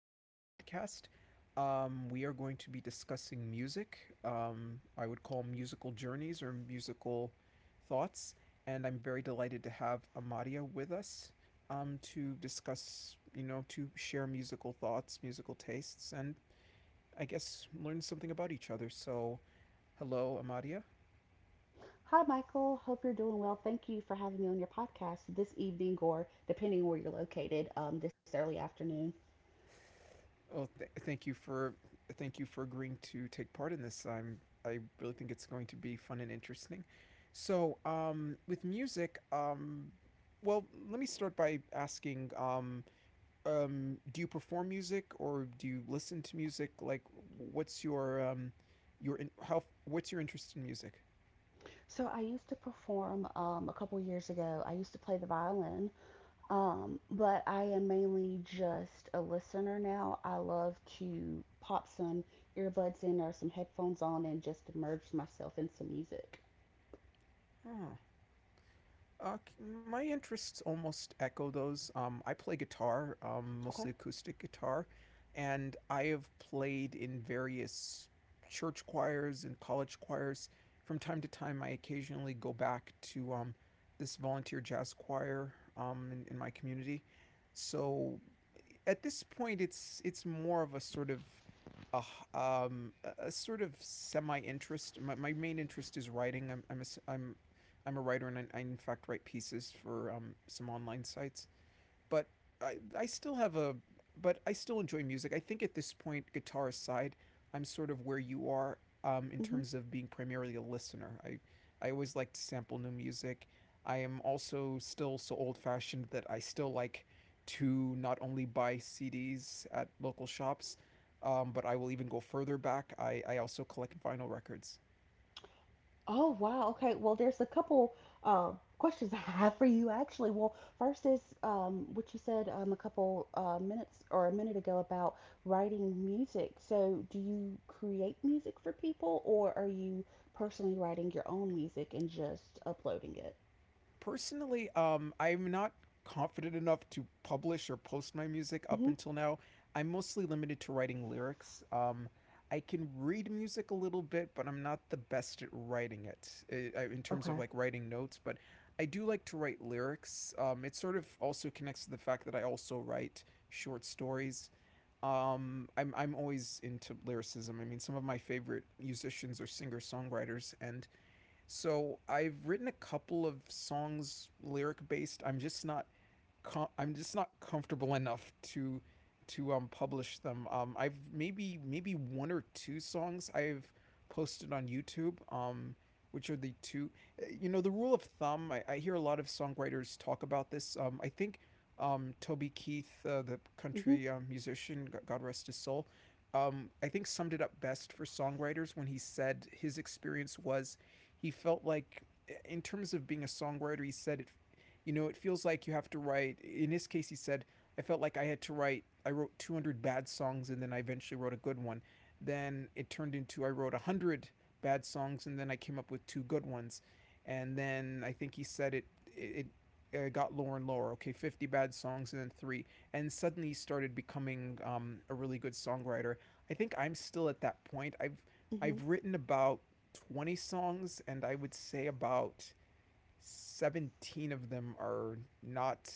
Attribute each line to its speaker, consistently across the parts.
Speaker 1: to our podcast. We are going to be discussing music. I would call musical journeys or musical thoughts, and I'm very delighted to have Amadia with us to discuss, to share musical thoughts, musical tastes, and I guess learn something about each other. So, hello, Amadia.
Speaker 2: Hi, Michael. Hope you're doing well. Thank you for having me on your podcast this evening, or depending where you're located, this early afternoon.
Speaker 1: Well, thank you for agreeing to take part in this. I really think it's going to be fun and interesting. So, with music, well, let me start by asking, do you perform music or do you listen to music? Like, what's your in- how what's your interest in music?
Speaker 2: So, I used to perform a couple years ago. I used to play the violin, but I am mainly just a listener now. I love to pop some earbuds in or some headphones on and just immerse myself in some music.
Speaker 1: Uh, my interests almost echo those. I play guitar,
Speaker 2: Okay.
Speaker 1: mostly acoustic guitar, and I have played in various church choirs and college choirs. From time to time, I occasionally go back to this volunteer jazz choir in my community. So at this point, it's more of a sort of a, h- a sort of semi interest. My main interest is writing. I'm a writer and I in fact write pieces for some online sites. But I, I still have a, but I still enjoy music. I think at this point, guitar aside, I'm sort of where you are in
Speaker 2: Mhm.
Speaker 1: terms of being primarily a listener. I always like to sample new music. I am also still so old fashioned that I still like to not only buy CDs at local shops, but I will even go further back. I also collect vinyl records.
Speaker 2: Oh, wow. Okay. Well, there's a couple questions I have for you, actually. Well, first is what you said a couple minutes or a minute ago about writing music. So, do you create music for people, or are you personally writing your own music and just uploading it?
Speaker 1: Personally, I'm not confident enough to publish or post my music
Speaker 2: Hmm.
Speaker 1: up until now. I'm mostly limited to writing lyrics. I can read music a little bit, but I'm not the best at writing it in terms
Speaker 2: Okay.
Speaker 1: of like writing notes. But I do like to write lyrics. It sort of also connects to the fact that I also write short stories. I'm always into lyricism. I mean, some of my favorite musicians are singer songwriters, and so I've written a couple of songs lyric based. I'm just not comfortable enough to publish them. I've maybe one or two songs I've posted on YouTube. Which are the two? You know, the rule of thumb. I hear a lot of songwriters talk about this. I think Toby Keith, the
Speaker 2: Hmm.
Speaker 1: country musician, God rest his soul. I think summed it up best for songwriters when he said his experience was he felt like in terms of being a songwriter, he said it you know, it feels like you have to write. In his case, he said, I felt like I had to write, I wrote 200 bad songs and then I eventually wrote a good one. Then it turned into I wrote 100 bad songs and then I came up with two good ones. And then I think he said it, it, it got lower and lower. Okay, 50 bad songs and then three. And suddenly he started becoming a really good songwriter. I think I'm still at that point.
Speaker 2: Hmm.
Speaker 1: I've written about 20 songs and I would say about 17 of them are not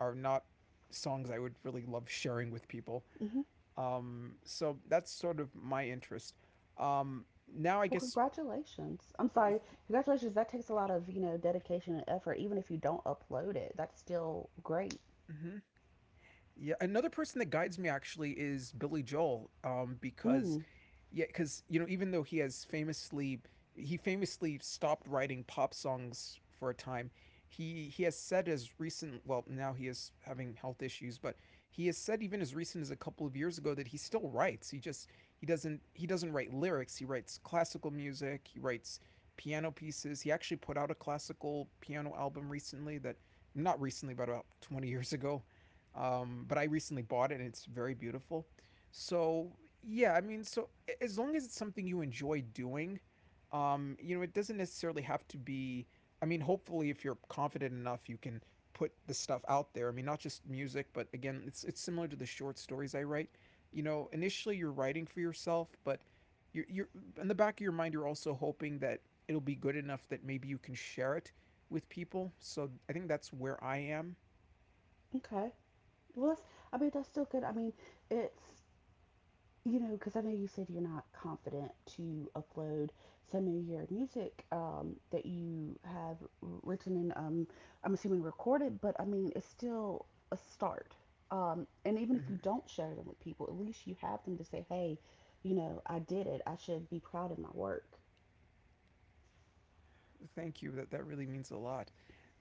Speaker 1: are not songs I would really love sharing with people.
Speaker 2: Hmm.
Speaker 1: So that's sort of my interest. Um, Now I
Speaker 2: Well,
Speaker 1: guess,
Speaker 2: congratulations. I'm sorry. Congratulations. That takes a lot of, you know, dedication and effort, even if you don't upload it. That's still great.
Speaker 1: mhm, yeah, another person that guides me actually is Billy Joel, because
Speaker 2: Mm,
Speaker 1: yeah, because you know, even though he has famously he famously stopped writing pop songs for a time, he has said as recent well now he is having health issues, but he has said even as recent as a couple of years ago that he still writes. He just he doesn't write lyrics. He writes classical music. He writes piano pieces. He actually put out a classical piano album recently that not recently, but about 20 years ago. But I recently bought it and it's very beautiful so yeah. I mean, so as long as it's something you enjoy doing, you know, it doesn't necessarily have to be. I mean, hopefully, if you're confident enough, you can put the stuff out there. I mean, not just music, but again, it's similar to the short stories I write. You know, initially you're writing for yourself, but you're in the back of your mind, you're also hoping that it'll be good enough that maybe you can share it with people. So I think that's where I am.
Speaker 2: okay. Well, that's, I mean, that's still good. I mean, it's, you know, because I know you said you're not confident to upload some of your music that you have written and, I'm assuming recorded, but I mean, it's still a start. And even if you
Speaker 1: Hmm.
Speaker 2: don't share them with people, at least you have them to say, hey, you know, I did it. I should be proud of my work.
Speaker 1: Thank you. That really means a lot.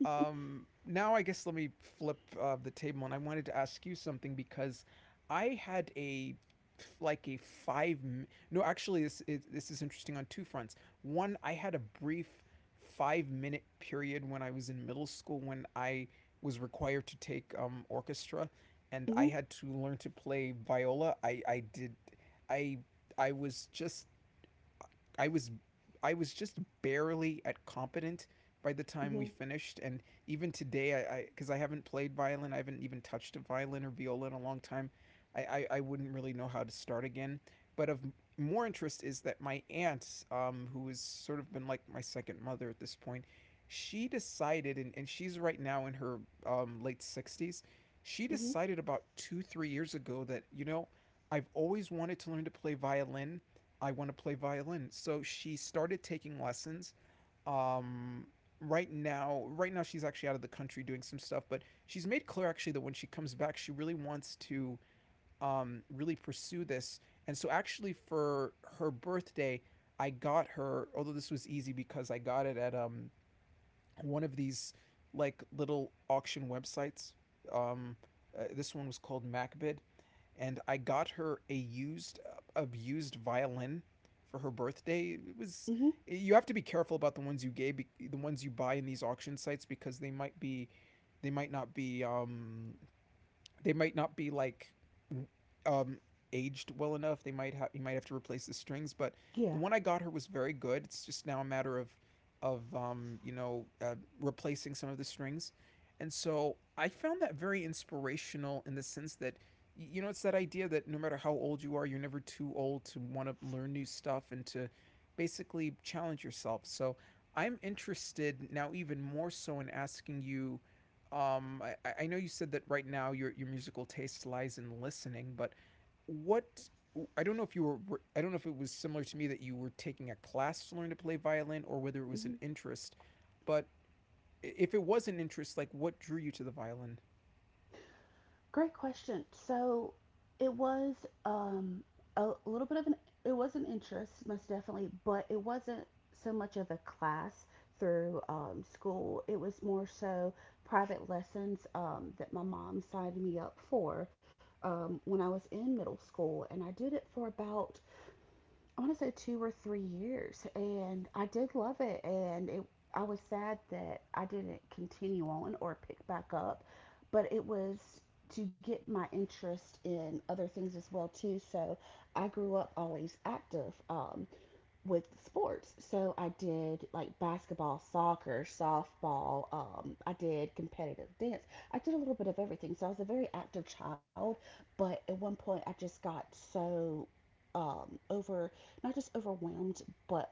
Speaker 1: Now I guess let me flip the table, and I wanted to ask you something because I had a like a five. Mi- No, actually, this is interesting on two fronts. One, I had a brief 5 minute period when I was in middle school when I was required to take orchestra, and I
Speaker 2: Mm-hmm,
Speaker 1: had to learn to play viola. I did, I I was just I was I was just barely at competent by the time
Speaker 2: mm-hmm,
Speaker 1: we finished. And even today I because I, 'cause I haven't played violin, I haven't even touched a violin or viola in a long time. I wouldn't really know how to start again, but of more interest is that my aunt, who has sort of been like my second mother at this point. She decided, and she's right now in her late 60s, she
Speaker 2: mm-hmm,
Speaker 1: decided about 2 3 years ago that, you know, I've always wanted to learn to play violin. I want to play violin. So she started taking lessons. Um, right now she's actually out of the country doing some stuff, but she's made clear actually that when she comes back, she really wants to really pursue this. And so actually for her birthday, I got her, although this was easy because I got it at one of these like little auction websites. Um, this one was called MacBid, and I got her a used, abused violin for her birthday. It was.
Speaker 2: mm-hmm.
Speaker 1: You have to be careful about the ones you gave, the ones you buy in these auction sites because they might not be, they might not be like um, aged well enough. They might have You might have to replace the strings, but the
Speaker 2: Yeah.
Speaker 1: one I got her was very good. It's just now a matter of you know, replacing some of the strings. And so I found that very inspirational in the sense that you know, it's that idea that no matter how old you are, you're never too old to want to learn new stuff and to basically challenge yourself. So I'm interested now even more so in asking you. I know you said that right now your musical taste lies in listening, but what I don't know if you were I don't know if it was similar to me that you were taking a class to learn to play violin or whether it was
Speaker 2: Mm-hmm.
Speaker 1: an interest, but if it was an interest, like what drew you to the violin?
Speaker 2: Great question. So it was um, a little bit of an it was an interest, most definitely, but it wasn't so much of a class through school. It was more so private lessons that my mom signed me up for when I was in middle school, and I did it for about I want to say 2 or 3 years, and I did love it. And I was sad that I didn't continue on or pick back up, but it was to get my interest in other things as well too. So I grew up always active. With sports. So I did like basketball, soccer, softball. I did competitive dance. I did a little bit of everything. So I was a very active child, but at one point I just got so, over, not just overwhelmed, but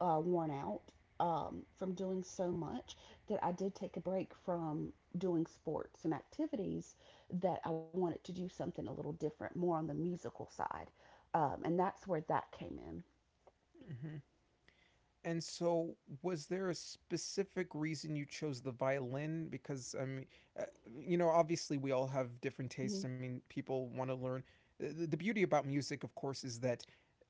Speaker 2: worn out from doing so much that I did take a break from doing sports and activities that I wanted to do something a little different, more on the musical side. And that's where that came in.
Speaker 1: Hmm. And so, was there a specific reason you chose the violin? Because, I mean, uh, you know, obviously we all have different
Speaker 2: Mm-hmm.
Speaker 1: tastes. I mean, people want to learn. The beauty about music, of course, is that,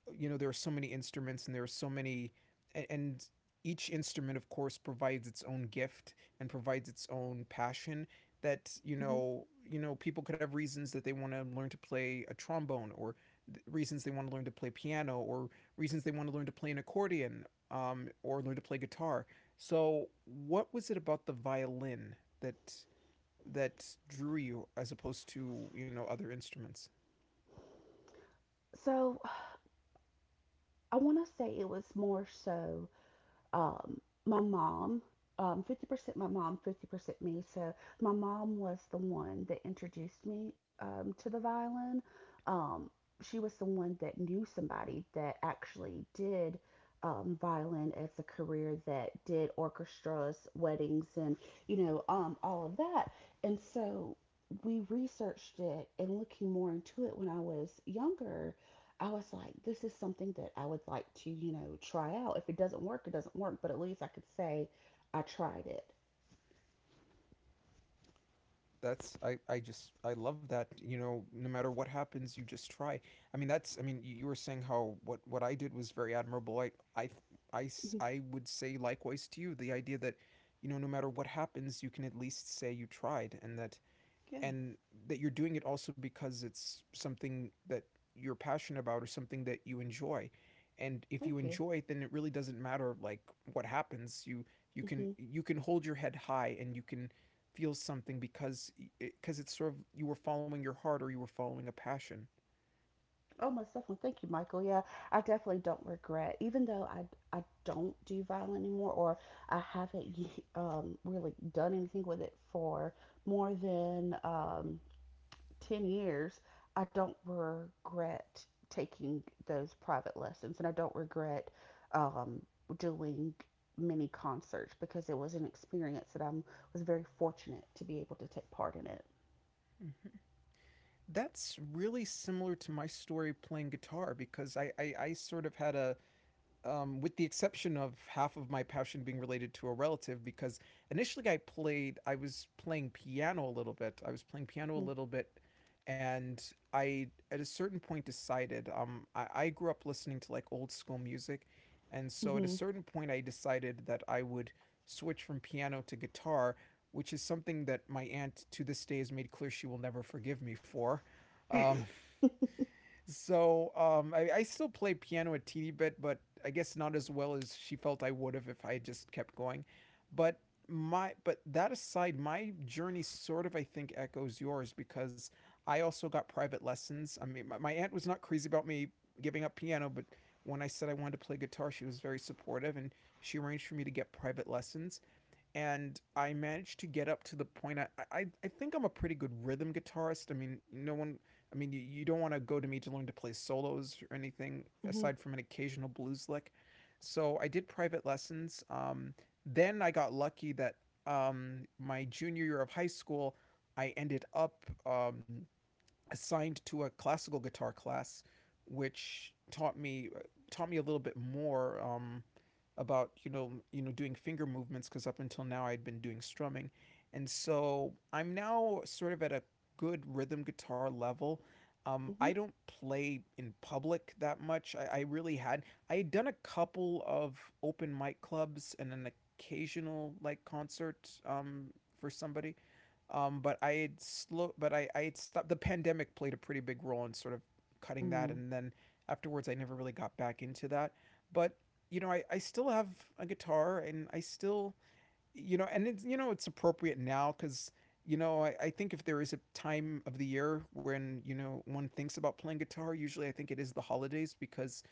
Speaker 1: you know, there are so many instruments and there are so many, and each instrument, of course, provides its own gift and provides its own passion that,
Speaker 2: Mhm.
Speaker 1: you know, people could have reasons that they want to learn to play a trombone or reasons they want to learn to play piano or reasons they want to learn to play an accordion or learn to play guitar. So, what was it about the violin that that drew you as opposed to you know other instruments?
Speaker 2: So I want to say it was more so my mom, 50% my mom, 50% me. So my mom was the one that introduced me to the violin. Um, she was the one that knew somebody that actually did violin as a career that did orchestras, weddings, and you know all of that. And so we researched it and looking more into it when I was younger I was like, this is something that I would like to, you know, try out. If it doesn't work, it doesn't work, but at least I could say I tried it.
Speaker 1: That's I just I love that, you know, no matter what happens you just try. I mean that's I mean, you were saying how what I did was very admirable. I
Speaker 2: Mhm.
Speaker 1: would say likewise to you, the idea that you know no matter what happens you can at least say you tried,
Speaker 2: Yeah.
Speaker 1: and that you're doing it also because it's something that you're passionate about or something that you enjoy, and if you
Speaker 2: Thank you.
Speaker 1: enjoy it then it really doesn't matter like what happens. You can
Speaker 2: Hmm.
Speaker 1: you can hold your head high and you can feel something because it's sort of you were following your heart or you were following a passion.
Speaker 2: Oh, most definitely. Thank you, Michael. Yeah, I definitely don't regret, even though I don't do violin anymore, or I haven't really done anything with it for more than 10 years, I don't regret taking those private lessons and I don't regret um, doing many concerts because it was an experience that I was very fortunate to be able to take part in it.
Speaker 1: Mm-hmm. That's really similar to my story playing guitar because I sort of had a with the exception of half of my passion being related to a relative, because initially I was playing piano a little bit. I was playing piano a
Speaker 2: Mm-hmm.
Speaker 1: little bit, and I at a certain point decided. I grew up listening to like old school music, and so at a
Speaker 2: Mm-hmm.
Speaker 1: certain point I decided that I would switch from piano to guitar, which is something that my aunt to this day has made clear she will never forgive me for. Um, so I still play piano a teeny bit, but I guess not as well as she felt I would have if I had just kept going. But but that aside, my journey sort of I think echoes yours because I also got private lessons. I mean, my aunt was not crazy about me giving up piano, but when I said I wanted to play guitar, she was very supportive and she arranged for me to get private lessons and I managed to get up to the point. I think I'm a pretty good rhythm guitarist. I mean, no one. I mean, you don't want to go to me to learn to play solos or anything
Speaker 2: Mm-hmm.
Speaker 1: aside from an occasional blues lick. So I did private lessons. Then I got lucky that my junior year of high school, I ended up assigned to a classical guitar class, which taught me a little bit more about doing finger movements because up until now I'd been doing strumming, and so I'm now sort of at a good rhythm guitar level. I
Speaker 2: Mm-hmm.
Speaker 1: don't play in public that much. I had done a couple of open mic clubs and an occasional like concert for somebody, but I had stopped. The pandemic played a pretty big role in sort of cutting that,
Speaker 2: Mm-hmm.
Speaker 1: and then afterwards I never really got back into that. But I still have a guitar, and I still and it's appropriate now. Because. I think if there is a time of the year when, you know, one thinks about playing guitar, usually I think it is the holidays because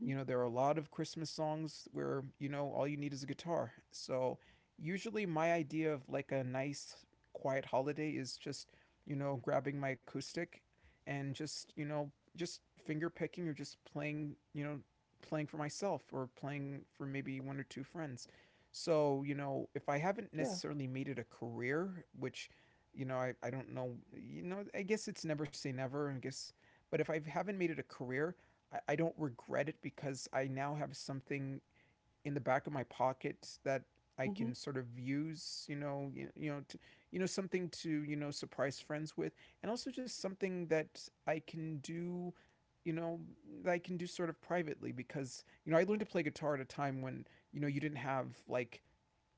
Speaker 1: there are a lot of Christmas songs where, you know, all you need is a guitar. So usually my idea of like a nice quiet holiday is just, grabbing my acoustic and just finger picking or just playing for myself, or playing for maybe one or two friends. So, if I haven't
Speaker 2: Yeah.
Speaker 1: necessarily made it a career, which, I don't know, I guess it's never say never, I guess, but if I haven't made it a career, I don't regret it, because I now have something in the back of my pocket that I
Speaker 2: Mm-hmm.
Speaker 1: can sort of use, you, to, something to surprise friends with, and also just something that I can you know, do sort of privately, because I
Speaker 2: Mm-hmm.
Speaker 1: learned to play guitar at a time when you didn't have like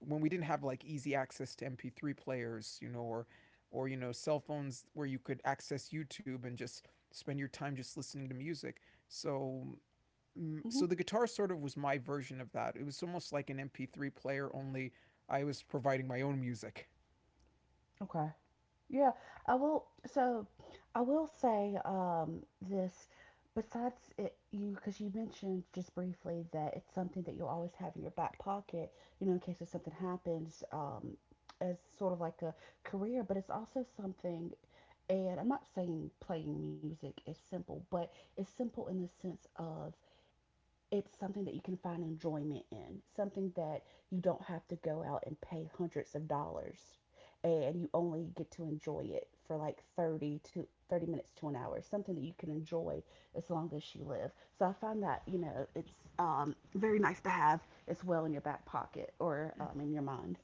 Speaker 1: when we didn't have like easy access to MP3 players, or cell phones where you could access YouTube and just spend your time just listening to music. So mm,
Speaker 2: Mm-hmm.
Speaker 1: so the guitar sort of was my version of that. It was almost like an MP3 player, only I was providing my own music.
Speaker 2: Okay. Yeah, I will. So, I will say this. Besides it, you because you mentioned just briefly that it's something that you'll always have in your back pocket, you know, in case if something happens, as sort of like a career. But it's also something, and I'm not saying playing music is simple, but it's simple in the sense of it's something that you can find enjoyment in, something that you don't have to go out and pay hundreds of dollars and you only get to enjoy it for like 30 minutes to an hour, something that you can enjoy as long as you live. So I find that, you know, it's very nice to have as well in your back pocket or
Speaker 1: Mm.
Speaker 2: in your mind.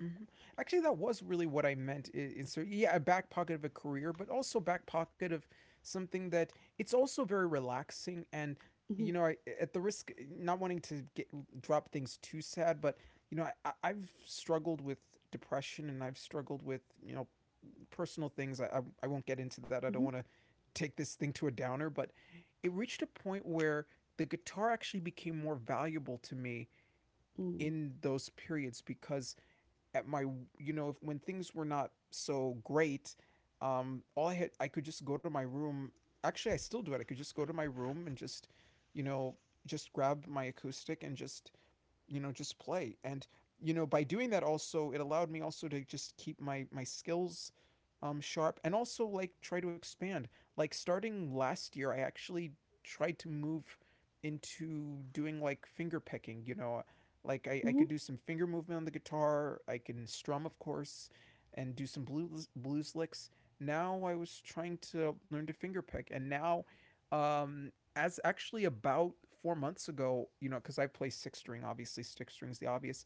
Speaker 1: hmm Actually, that was really what I meant. Is so, yeah, a back pocket of a career, but also back pocket of something that it's also very relaxing. And
Speaker 2: Hmm.
Speaker 1: I, at the risk not wanting to get drop things too sad, but I've struggled with depression, and I've struggled with personal things. I won't get into that. I don't want
Speaker 2: Hmm.
Speaker 1: to take this thing to a downer, but it reached a point where the guitar actually became more valuable to me
Speaker 2: Mm.
Speaker 1: in those periods because at my if, when things were not so great, all I had, I could just go to my room. Actually, I still do it. I could just go to my room and just you know just grab my acoustic and just just play. And by doing that also, it allowed me also to just keep my skills sharp, and also like try to expand, like starting last year I actually tried to move into doing like finger picking, like I
Speaker 2: Hmm.
Speaker 1: could do some finger movement on the guitar. I can strum, of course, and do some blues licks. Now I was trying to learn to finger pick, and now um as actually about 4 months ago, because I play six string, obviously six string's the obvious.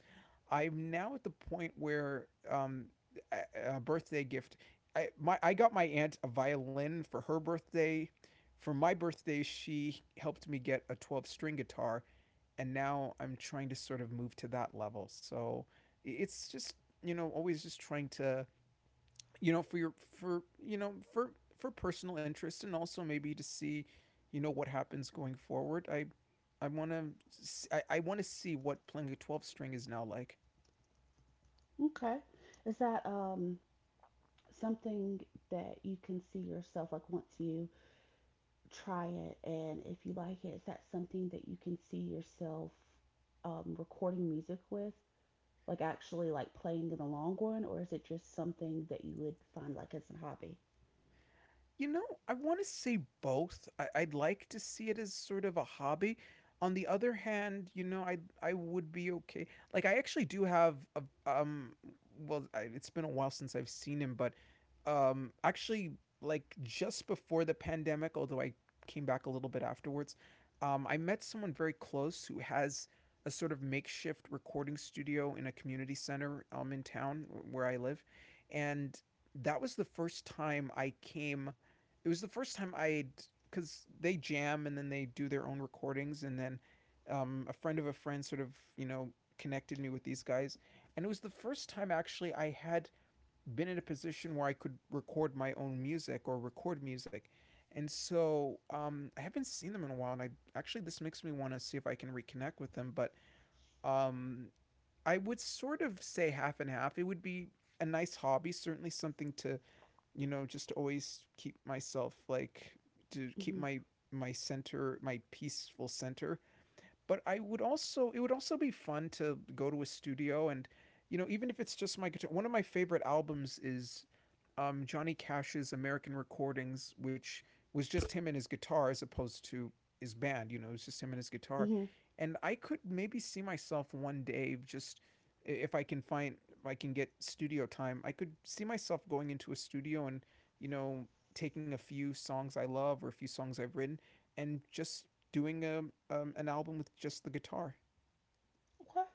Speaker 1: I'm now at the point where a, birthday gift. I got my aunt a violin for her birthday. For my birthday, she helped me get a 12 string guitar, and now I'm trying to sort of move to that level. So it's just always just trying to for your for you know for personal interest, and also maybe to see what happens going forward. I i want to i, I want to see what playing a 12 string is now like.
Speaker 2: Okay. Is that something that you can see yourself like once you try it and if you like it, is that something that you can see yourself recording music with, like actually like playing in the long run, or is it just something that you would find like as a hobby?
Speaker 1: I want to say both. I'd like to see it as sort of a hobby. On the other hand, I would be okay. Like I actually do have a um well, it's been a while since I've seen him, but actually, like just before the pandemic, although I came back a little bit afterwards, I met someone very close who has a sort of makeshift recording studio in a community center in town where I live, and that was the first time I came it was the first time I'd, because they jam and then they do their own recordings. And then a friend of a friend sort of you know connected me with these guys, and it was the first time actually I had been in a position where I could record my own music or record music. And so I haven't seen them in a while, and I actually, this makes me want to see if I can reconnect with them. But um, I would sort of say half and half. It would be a nice hobby, certainly something to just to always keep myself, like to keep
Speaker 2: Mm-hmm.
Speaker 1: my center, my peaceful center, but I would also it would also be fun to go to a studio and even if it's just my guitar. One of my favorite albums is Johnny Cash's American Recordings, which was just him and his guitar as opposed to his band. It was just him and his guitar.
Speaker 2: Mm-hmm.
Speaker 1: And I could maybe see myself one day just, if I can get studio time, I could see myself going into a studio and you know taking a few songs I love or a few songs I've written, and just doing an album with just the guitar.
Speaker 2: Okay.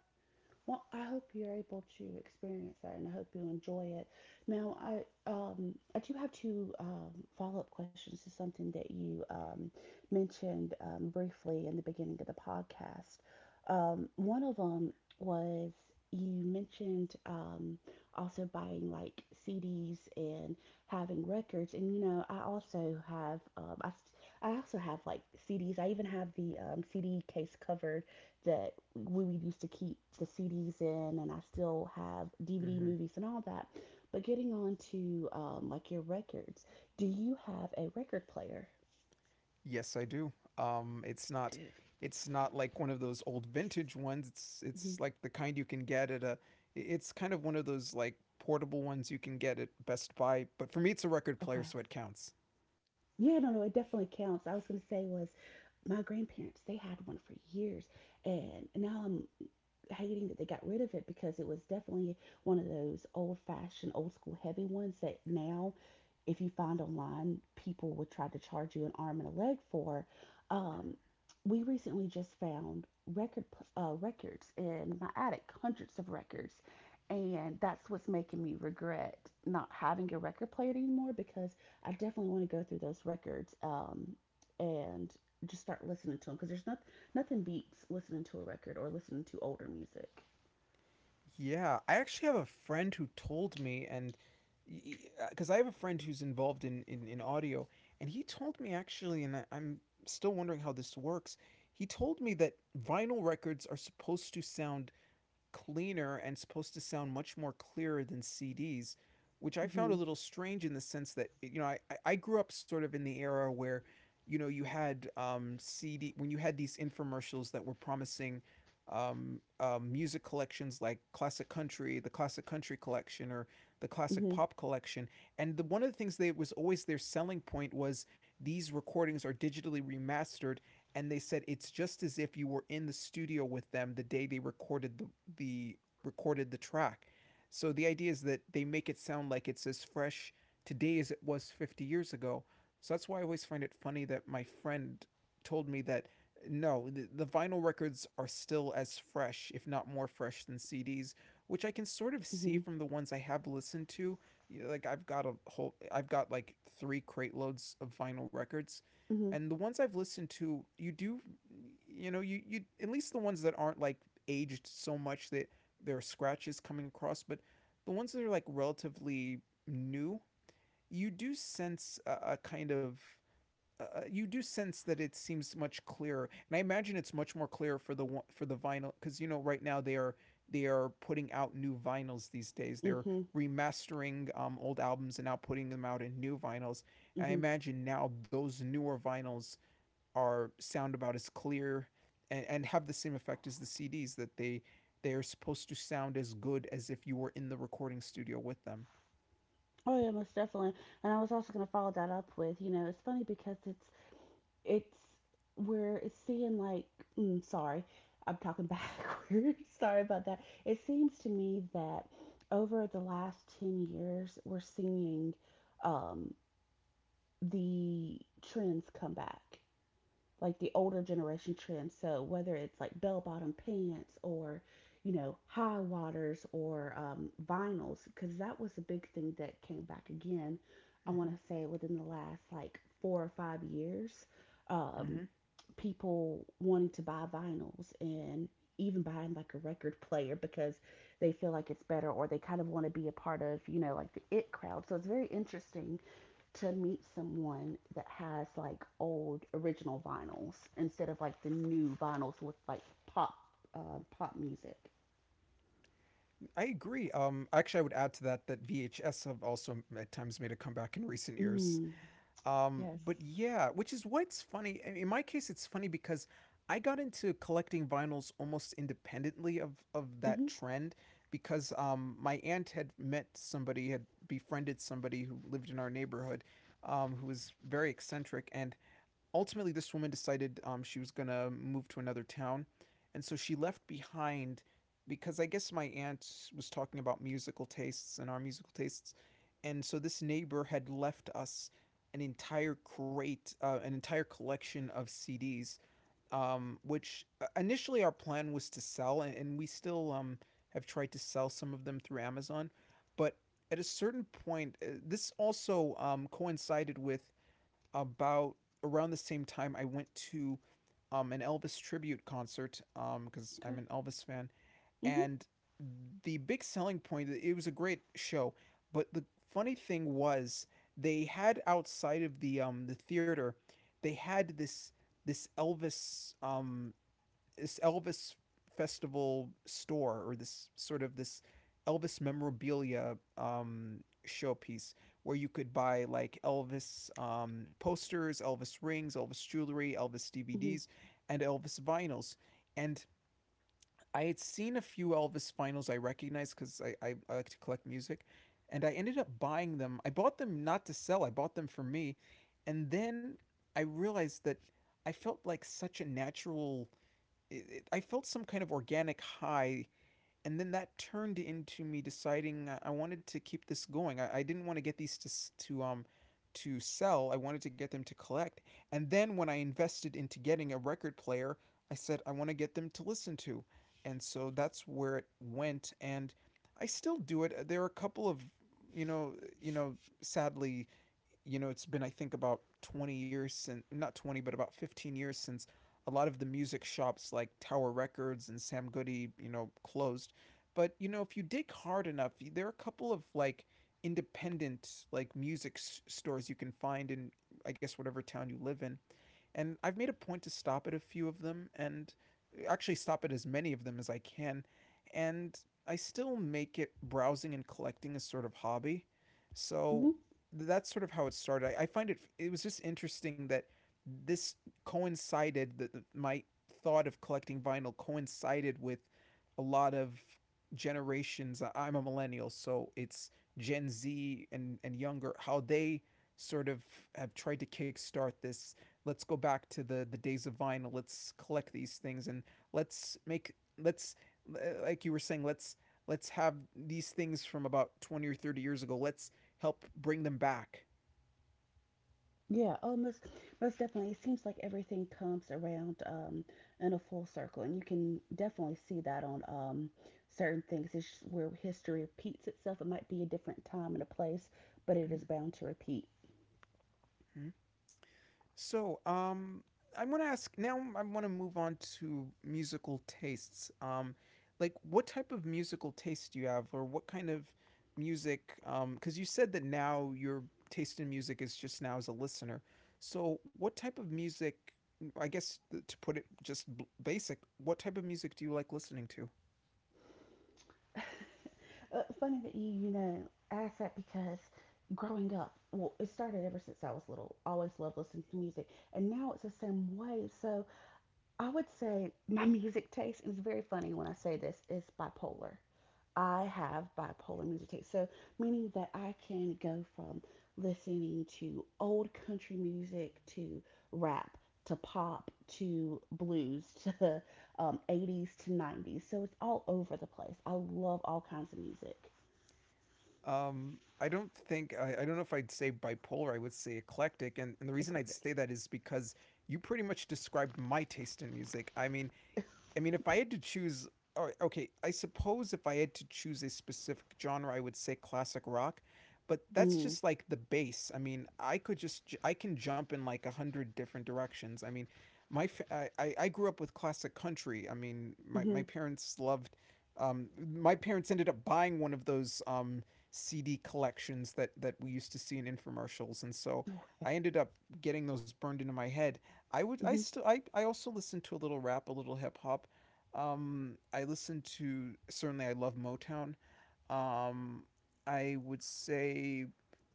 Speaker 2: Well, I hope you're able to experience that, and I hope you enjoy it. Now, I do have two follow up questions to something that you mentioned briefly in the beginning of the podcast. One of them was you mentioned also buying like CDs and having records, and you know I also have like CDs. I even have the CD case covered that we used to keep the CDs in, and I still have DVD
Speaker 1: hmm
Speaker 2: movies and all that. But getting on to like your records, do you have a record player?
Speaker 1: Yes, I do. Um, it's not,
Speaker 2: Did.
Speaker 1: it's not like one of those old vintage ones. It's
Speaker 2: Hmm.
Speaker 1: like the kind you can get at a. It's kind of one of those like portable ones you can get at Best Buy. But for me, it's a record player, so
Speaker 2: Okay.
Speaker 1: it counts.
Speaker 2: Yeah, no, no, it definitely counts. I was gonna say was my grandparents. They had one for years, and now I'm hating that they got rid of it because it was definitely one of those old fashioned, old school heavy ones that now, if you find online, people would try to charge you an arm and a leg for. Um, we recently just found records in my attic, hundreds of records, and that's what's making me regret not having a record player anymore because I definitely want to go through those records and just start listening to them because there's not nothing beats listening to a record or listening to older music.
Speaker 1: Yeah, I actually have a friend who told me, and because I have a friend who's involved in audio, and he told me, actually, and I'm still wondering how this works. He told me that vinyl records are supposed to sound cleaner and supposed to sound much more clearer than CDs, which I found a
Speaker 2: Mhm.
Speaker 1: little strange in the sense that grew up sort of in the era where you had CD when you had these infomercials that were promising music collections, like classic country collection or the classic
Speaker 2: Mhm.
Speaker 1: pop collection. And the one of the things that was always their selling point was, these recordings are digitally remastered, and they said it's just as if you were in the studio with them the day they the recorded the track. So the idea is that they make it sound like it's as fresh today as it was 50 years ago. So that's why I always find it funny that my friend told me that no, the vinyl records are still as fresh, if not more fresh than CDs, which I can sort of see
Speaker 2: Mhm.
Speaker 1: from the ones I have listened to. Like I've got like 3 crate loads of vinyl records
Speaker 2: Mhm.
Speaker 1: and the ones I've listened to, you do, you know, you at least the ones that aren't like aged so much that there are scratches coming across, but the ones that are like relatively new, you do sense that it seems much clearer, and I imagine it's much more clear for for the vinyl because right now they are putting out new vinyls these days. They're
Speaker 2: Mhm.
Speaker 1: remastering old albums and now putting them out in new vinyls. And I
Speaker 2: Mhm.
Speaker 1: imagine now those newer vinyls are sound about as clear and have the same effect as the CDs that they are supposed to sound as good as if you were in the recording studio with them.
Speaker 2: Oh yeah, most definitely. And I was also gonna follow that up with, you know, it's funny because it's we're seeing like, sorry, I'm talking backwards. Sorry about that. It seems to me that over the last 10 years, we're seeing um, the trends come back, like the older generation trends. So whether it's like bell bottom pants or you know high waters or vinyls, because that was a big thing that came back again. I want
Speaker 1: Mm-hmm.
Speaker 2: to say within the last like 4 or 5 years,
Speaker 1: Mm-hmm.
Speaker 2: um, people wanting to buy vinyls and even buying like a record player because they feel like it's better or they kind of want to be a part of like the it crowd. So it's very interesting to meet someone that has like old original vinyls instead of like the new vinyls with like pop music.
Speaker 1: I agree. Actually, I would add to that that VHS have also at times made a comeback in recent years.
Speaker 2: Mm. Yes.
Speaker 1: But yeah, which is why it's funny. In my case, it's funny because I got into collecting vinyls almost independently of that
Speaker 2: Mhm.
Speaker 1: trend because my aunt had met somebody, had befriended somebody who lived in our neighborhood, who was very eccentric, and ultimately, this woman decided she was going to move to another town. And so she left behind because I guess my aunt was talking about musical tastes and our musical tastes. And so this neighbor had left us an entire collection of CDs, which initially our plan was to sell, and we still have tried to sell some of them through Amazon. But at a certain point, this also coincided with about around the same time I went to an Elvis tribute concert because I'm
Speaker 2: Okay.
Speaker 1: an Elvis fan.
Speaker 2: Mhm.
Speaker 1: And the big selling point, it was a great show, but the funny thing was they had outside of the theater, they had this Elvis um this Elvis festival store or this sort of this Elvis memorabilia showpiece where you could buy like Elvis posters, Elvis rings, Elvis jewelry, Elvis
Speaker 2: Mhm.
Speaker 1: DVDs, and Elvis vinyls. And I had seen a few Elvis vinyls I recognized because I like to collect music. And I ended up buying them. I bought them not to sell, I bought them for me. And then I realized that I felt like such a natural I felt some kind of organic high, and then that turned into me deciding I wanted to keep this going. I didn't want to get these to um to sell. I wanted to get them to collect. And then when I invested into getting a record player, I said I want to get them to listen to, and so that's where it went. And I still do it. There are a couple of you know you know sadly, it's been I think about 20 years since not 20 but about 15 years since a lot of the music shops like Tower Records and Sam Goody, closed. But if you dig hard enough, there are a couple of like independent like music stores you can find in I guess whatever town you live in and I've made a point to stop at a few of them and actually stop at as many of them as I can. And I still make it browsing and collecting a sort of hobby.
Speaker 2: Mhm.
Speaker 1: So that's sort of how it started. I find it was just interesting that this coincided that my thought of collecting vinyl coincided with a lot of generations. I'm a millennial, so it's Gen Z and younger how they sort of have tried to kickstart this. Let's go back to the days of vinyl. Let's collect these things and let's make let's like you were saying, let's have these things from about 20 or 30 years ago. Let's help bring them back.
Speaker 2: Yeah. Oh, most definitely. It seems like everything comes around in a full circle, and you can definitely see that on certain things. It's just where history repeats itself. It might be a different time and a place, but it is
Speaker 1: Mm-hmm.
Speaker 2: bound to repeat.
Speaker 1: So, I want to ask now. I want to move on to musical tastes. Like, what type of musical taste do you have, or what kind of music? Because you said that now your taste in music is just now as a listener. So, what type of music? I guess to put it just basic, what type of music do you like listening to?
Speaker 2: Funny that you ask that because growing up, well, it started ever since I was little. I always loved listening to music, and now it's the same way. So I would say my music taste, and it's very funny when I say this, is bipolar. I have bipolar music taste. So, meaning that I can go from listening to old country music to rap to pop to blues to 80s to 90s. So, it's all over the place. I love all kinds of music.
Speaker 1: I don't think, I don't know if I'd say bipolar. I would say eclectic, and, the reason I'd say
Speaker 2: Eclectic.
Speaker 1: that is because you pretty much described my taste in music. I mean, I mean, if I had to choose, okay, I suppose if I had to choose a specific genre, I would say classic rock, but that's
Speaker 2: Mm.
Speaker 1: just like the base. I mean, I could just, j- I can jump in like a hundred different directions. I mean, I grew up with classic country. I mean, my,
Speaker 2: Mm-hmm.
Speaker 1: my parents loved, um, my parents ended up buying one of those, CD collections that we used to see in infomercials. And so
Speaker 2: No way.
Speaker 1: I ended up getting those burned into my head. I would I
Speaker 2: Mm-hmm.
Speaker 1: still I also listened to a little rap, a little hip hop, I listen to certainly, I love Motown. Um, I would say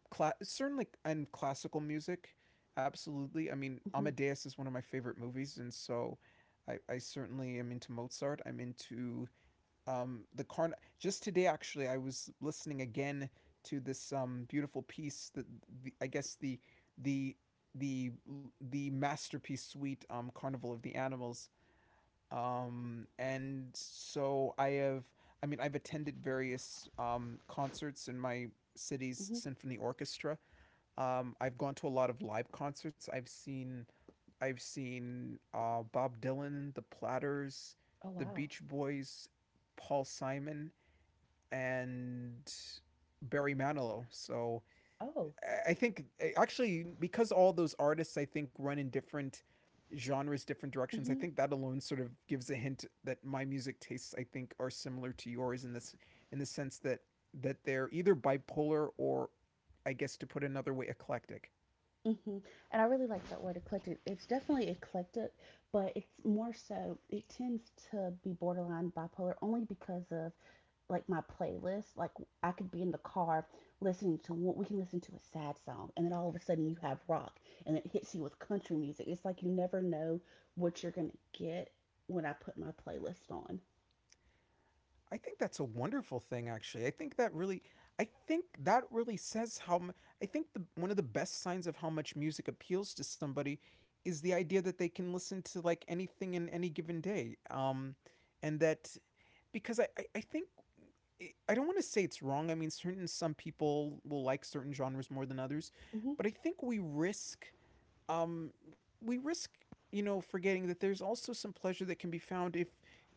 Speaker 1: certainly, and classical music, absolutely. I mean,
Speaker 2: Mm-hmm.
Speaker 1: Amadeus is one of my favorite movies, and so I certainly am into Mozart. I'm into the Carn. Just today, actually, I was listening again to this beautiful piece that the, I guess the the the the masterpiece suite Carnival of the Animals. And so I have, I've attended various concerts in my city's
Speaker 2: Mm-hmm.
Speaker 1: symphony orchestra. I've gone to a lot of live concerts. I've seen Bob Dylan, The Platters,
Speaker 2: Oh,
Speaker 1: The
Speaker 2: wow.
Speaker 1: Beach Boys, Paul Simon, and Barry Manilow. So
Speaker 2: Oh.
Speaker 1: think, actually, because all those artists I think run in different genres, different directions. I
Speaker 2: Mm-hmm.
Speaker 1: think that alone sort of gives a hint that my music tastes I think are similar to yours in the sense that they're either bipolar or I guess to put another way eclectic.
Speaker 2: Hmm. And I really like that word eclectic. It's definitely eclectic, but it's more so, it tends to be borderline bipolar only because of like my playlist. Like I could be in the car listening to, what, we can listen to a sad song, and then all of a sudden you have rock and it hits you with country music. It's like you never know what you're going to get when I put my playlist on.
Speaker 1: I think that's a wonderful thing actually. I think that really says how mu-. I think the one of the best signs of how much music appeals to somebody is the idea that they can listen to like anything in any given day. And that because I think I don't want to say it's wrong. I mean, certain some people will like certain genres more than others,
Speaker 2: Mm-hmm,
Speaker 1: but I think we risk um, we risk forgetting that there's also some pleasure that can be found if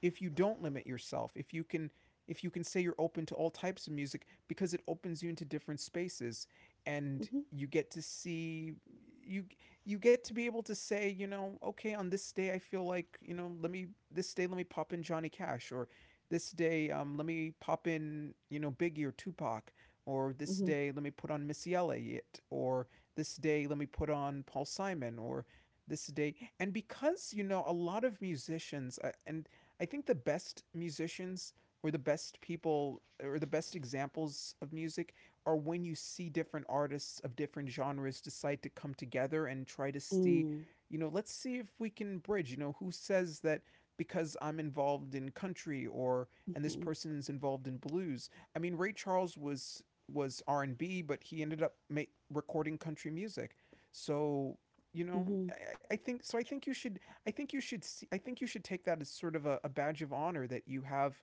Speaker 1: you don't limit yourself if you can say you're open to all types of music because it opens you into different spaces and you you get to be able to say, okay, on this day I feel like, let me, this day let me pop in Johnny Cash or this day, let me pop in, Biggie or Tupac or this
Speaker 2: mm-hmm,
Speaker 1: day let me put on Missy Elliott or this day, let me put on Paul Simon or this day. And because, a lot of musicians, and I think the best musicians or the best people or the best examples of music are when you see different artists of different genres decide to come together and try to
Speaker 2: mm-hmm,
Speaker 1: see,
Speaker 2: mm-hmm,
Speaker 1: let's see if we can bridge, who says that because I'm involved in country or and this person's involved in blues. I mean, Ray Charles was R and B, but he ended up recording country music. So
Speaker 2: mm-hmm.
Speaker 1: I think so. I think you should. I think you should. See, I think you should take that as sort of a badge of honor that you have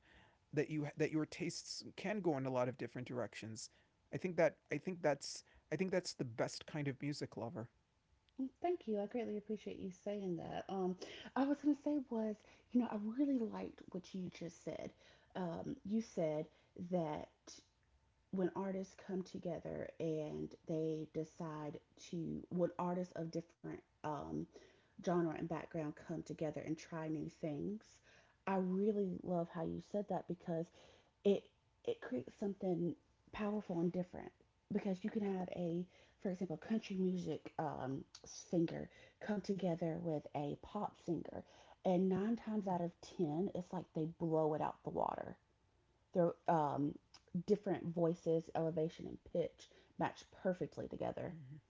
Speaker 1: that your tastes can go in a lot of different directions. I think that I think that's the best kind of music lover.
Speaker 2: Mm, thank you. I greatly appreciate you saying that. I was going to say was, you know, I really liked what you just said. You said that when artists come together and they decide when artists of different genre and background come together and try new things, I really love how you said that because it it creates something powerful and different because you can have a, for example, country music singer come together with a pop singer, and nine times
Speaker 1: Hmm.
Speaker 2: out of ten it's like they blow it out the water. Their different voices elevation and pitch match perfectly together.
Speaker 1: Mm-hmm.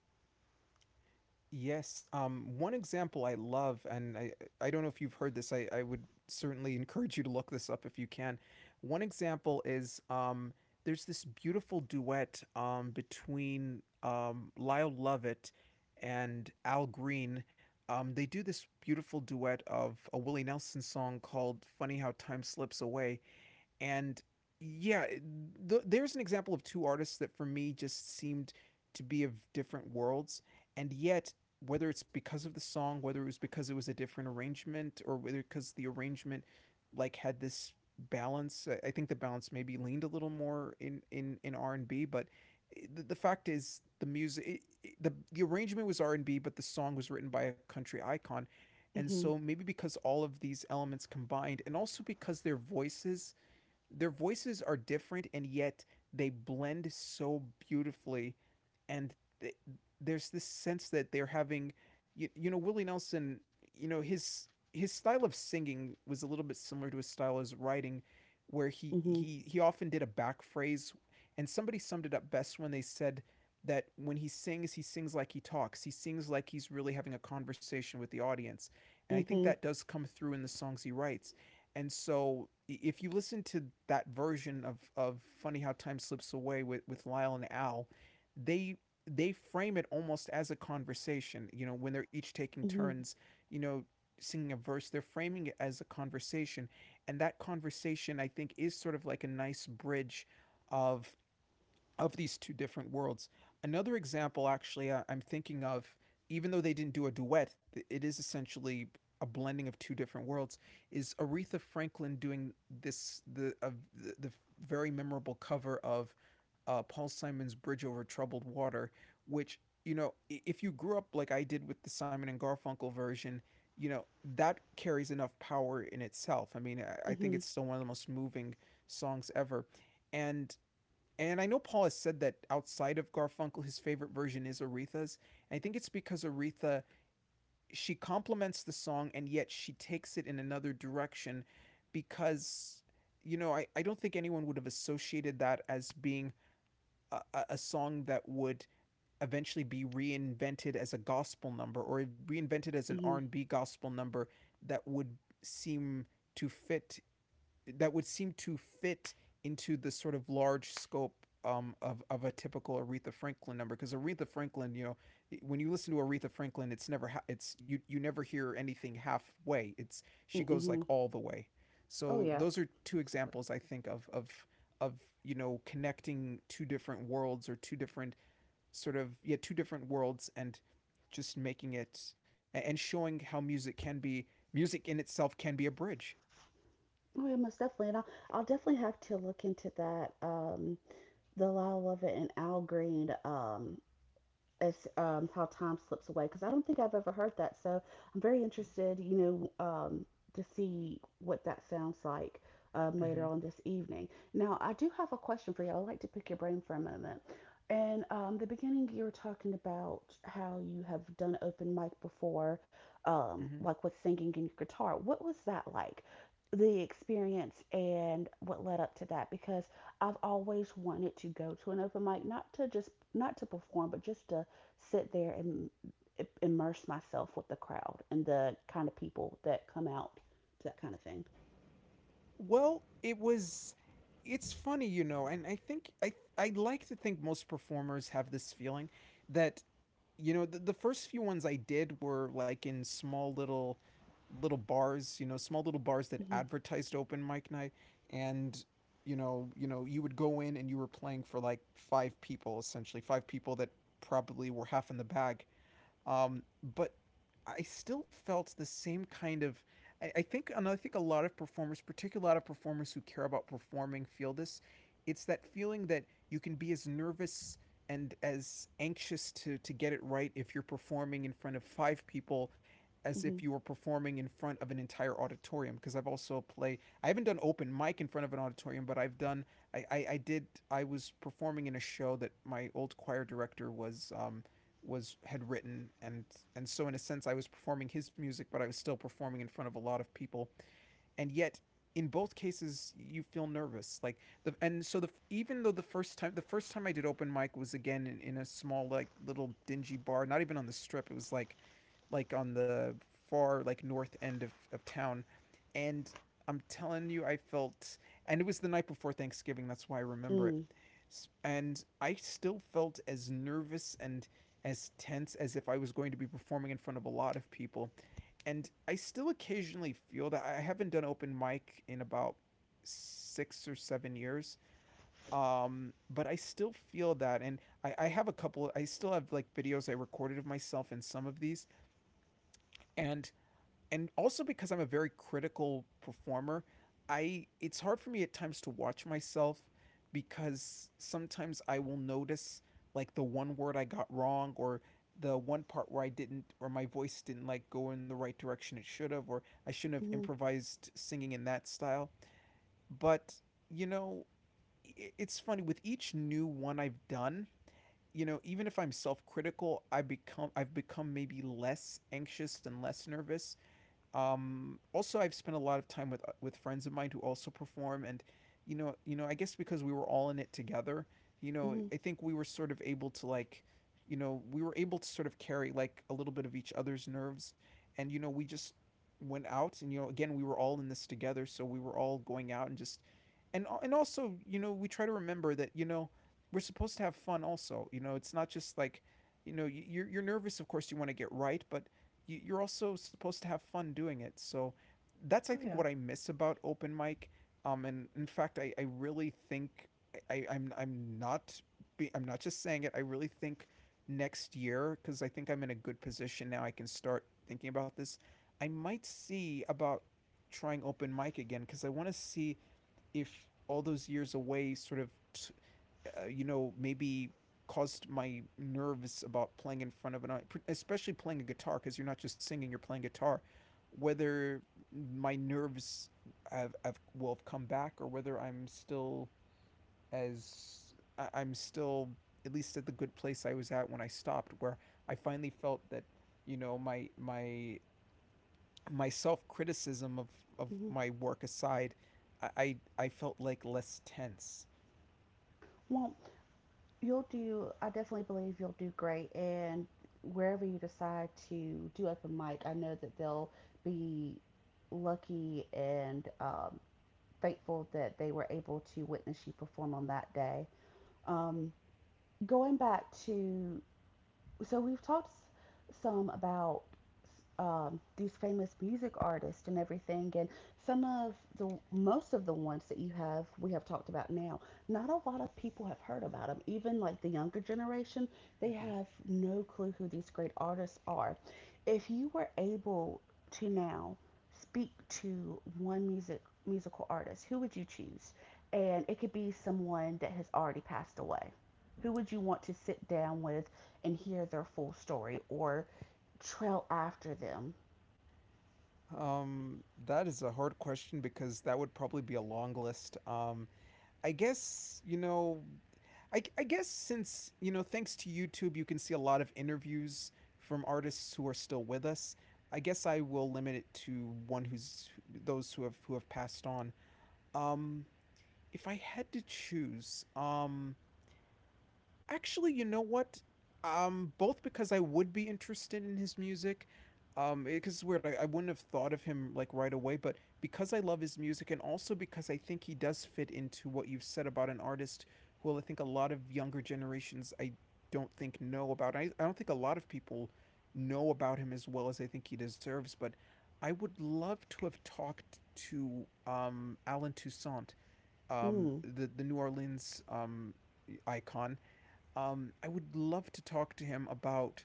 Speaker 1: Yes. One example I love, and I don't know if you've heard this, I would certainly encourage you to look this up if you can. One example is there's this beautiful duet between Lyle Lovett and Al Green. They do this beautiful duet of a Willie Nelson song called Funny How Time Slips Away and yeah, there's an example of two artists that for me just seemed to be of different worlds, and yet whether it's because of the song, whether it was because it was a different arrangement, or whether because the arrangement like had this balance. Think the balance maybe leaned a little more in R&B, but the fact is the music, the the arrangement was R&B, but the song was written by a country icon, and
Speaker 2: Mm-hmm,
Speaker 1: so maybe because all of these elements combined, and also because their voices are different and yet they blend so beautifully and th- there's this sense that they're having you know Willie Nelson, you know his style of singing was a little bit similar to his style as writing, where he
Speaker 2: mm-hmm,
Speaker 1: he he often did a back phrase. And somebody summed it up best when they said that when he sings, he sings like he talks, he sings like he's really having a conversation with the audience. And I think
Speaker 2: mm-hmm,
Speaker 1: that does come through in the songs he writes. And so if you listen to that version of Funny How Time Slips Away with Lyle and Al, they they frame it almost as a conversation. You know, when they're each taking
Speaker 2: mm-hmm,
Speaker 1: turns, you know, singing a verse, they're framing it as a conversation. And that conversation I think is sort of like a nice bridge of these two different worlds. Another example, actually, am thinking of, even though they didn't do a duet, it is essentially a blending of two different worlds. Is Aretha Franklin doing this the of the very memorable cover of Paul Simon's "Bridge Over Troubled Water," which, you know, if you grew up like I did with the Simon and Garfunkel version, you know that carries enough power in itself. I mean, I think
Speaker 2: mm-hmm,
Speaker 1: it's still one of the most moving songs ever, and I know Paul has said that outside of Garfunkel, his favorite version is Aretha's. And I think it's because Aretha, she complements the song and yet she takes it in another direction because, you know, I don't think anyone would have associated that as being a song that would eventually be reinvented as a gospel number or reinvented as an
Speaker 2: mm-hmm,
Speaker 1: R&B gospel number, that would seem to fit that would seem to fit into the sort of large scope of a typical Aretha Franklin number, because Aretha Franklin, you know, when you listen to Aretha Franklin, it's never ha- it's you never hear anything halfway. It's she goes like
Speaker 2: mm-hmm.
Speaker 1: all the way.
Speaker 2: Oh
Speaker 1: So
Speaker 2: yeah,
Speaker 1: those are two
Speaker 2: most definitely.
Speaker 1: examples I think of of you know, connecting two different worlds or two different sort of, yeah, two different worlds, and just making it and showing how music can be, music in itself can be a bridge.
Speaker 2: Oh yeah, most definitely, and I'll definitely have to look into that, the Lyle Lovett and Al Green, as, how time slips away, because I don't think I've ever heard that. So I'm very interested, know, um, to see what that sounds like later
Speaker 1: Mm-hmm.
Speaker 2: on this evening. Now, I do have a question for you. I'd like to pick your brain for a moment. And the beginning, you were talking about how you have done open mic before,
Speaker 1: Mm-hmm.
Speaker 2: like with singing and your guitar. What was that like? The experience and what led up to that? Because I've always wanted to go to an open mic, not to perform, but just to sit there and immerse myself with the crowd and the kind of people that come out to that kind of thing.
Speaker 1: Well, it was, it's funny, you know, and I think I like to think most performers have this feeling that, you know, the first few ones I did were like in small little bars, you know, small little bars that
Speaker 2: Mm-hmm,
Speaker 1: advertised open mic night. And you know, you would go in and you were playing for like five people essentially, five people that probably were half in the bag, but I still felt the same kind of. I think, and I think a lot of performers, particularly a lot of performers who care about performing, feel this. It's that feeling that you can be as nervous and as anxious to get it right if you're performing in front of five people as if
Speaker 2: mm-hmm,
Speaker 1: you were performing in front of an entire auditorium. Because I've also played, I haven't done open mic in front of an auditorium, but I've done, I did, I was performing in a show that my old choir director was had written, and so in a sense I was performing his music, but I was still performing in front of a lot of people. And yet in both cases you feel nervous, like the and so the even though the first time I did open mic was again in a small like little dingy bar, not even on the strip, it was like on the far like north end of town. And I'm telling you, I felt, and it was the night before Thanksgiving, that's why I remember it,
Speaker 2: mm,
Speaker 1: and I still felt as nervous and as tense as if I was going to be performing in front of a lot of people. And I still occasionally feel that. I haven't done open mic in about 6 or 7 years, but I still feel that, and I have a couple, I still have like videos I recorded of myself in some of these. And also because I'm a very critical performer, I it's hard for me at times to watch myself because sometimes I will notice like the one word I got wrong, or the one part where I didn't or my voice didn't like go in the right direction it should have, or I shouldn't have
Speaker 2: mm-hmm,
Speaker 1: improvised singing in that style. But, you know, it's funny, with each new one I've done, you know, even if I'm self-critical, I've become maybe less anxious and less nervous. Also, I've spent a lot of time with friends of mine who also perform, and you know, I guess because we were all in it together, you
Speaker 2: hmm,
Speaker 1: know,
Speaker 2: mm,
Speaker 1: I think we were sort of able to like, you know, we were able to sort of carry like a little bit of each other's nerves, and you know, we just went out, and you know, again, we were all in this together, so we were all going out and just, and also, you know, we try to remember that, you know, we're supposed to have fun also, you know, it's not just like, you know, you're nervous, of course you want to get right, but you're also supposed to have fun doing it. So that's I think what I miss about open mic. And in fact, I really think, I'm not, I'm not just saying it. I really think next year, because I think I'm in a good position now, I can start thinking about this, I might see about trying open mic again, because I want to see if all those years away sort of you know, maybe caused my nerves about playing in front of especially playing a guitar, because you're not just singing, you're playing guitar. Whether my nerves have, will have come back, or whether I'm still as I'm still at least at the good place I was at when I stopped, where I finally felt that, you know, my self criticism of
Speaker 2: mm-hmm.
Speaker 1: my work aside, I, I I felt like less tense.
Speaker 2: Well, I definitely believe you'll do great. And wherever you decide to do open mic, I know that they'll be lucky and faithful that they were able to witness you perform on that day. Um, going back to So we've talked some about these famous music artists and everything, and some of the most of the ones that you have we have talked about now. Not a lot of people have heard about them. Even like the younger generation, they have no clue who these great artists are. If you were able to now speak to one musical artist, who would you choose? And it could be someone that has already passed away. Who would you want to sit down with and hear their full story or trail after them?
Speaker 1: Mhm. That is a hard question because that would probably be a long list. I guess, you know, I guess, since, you know, thanks to YouTube, you can see a lot of interviews from artists who are still with us. I guess I will limit it to one who's those who have passed on. Um, if I had to choose, actually, you know what? Both because I would be interested in his music, because it's weird, I wouldn't have thought of him like right away, but because I love his music, and also because I think he does fit into what you've said about an artist who I think a lot of younger generations I don't think know about. I don't think a lot of people know about him as well as I think he deserves, but I would love to have talked to Alan Toussaint,
Speaker 2: Mm,
Speaker 1: the New Orleans icon. I would love to talk to him about,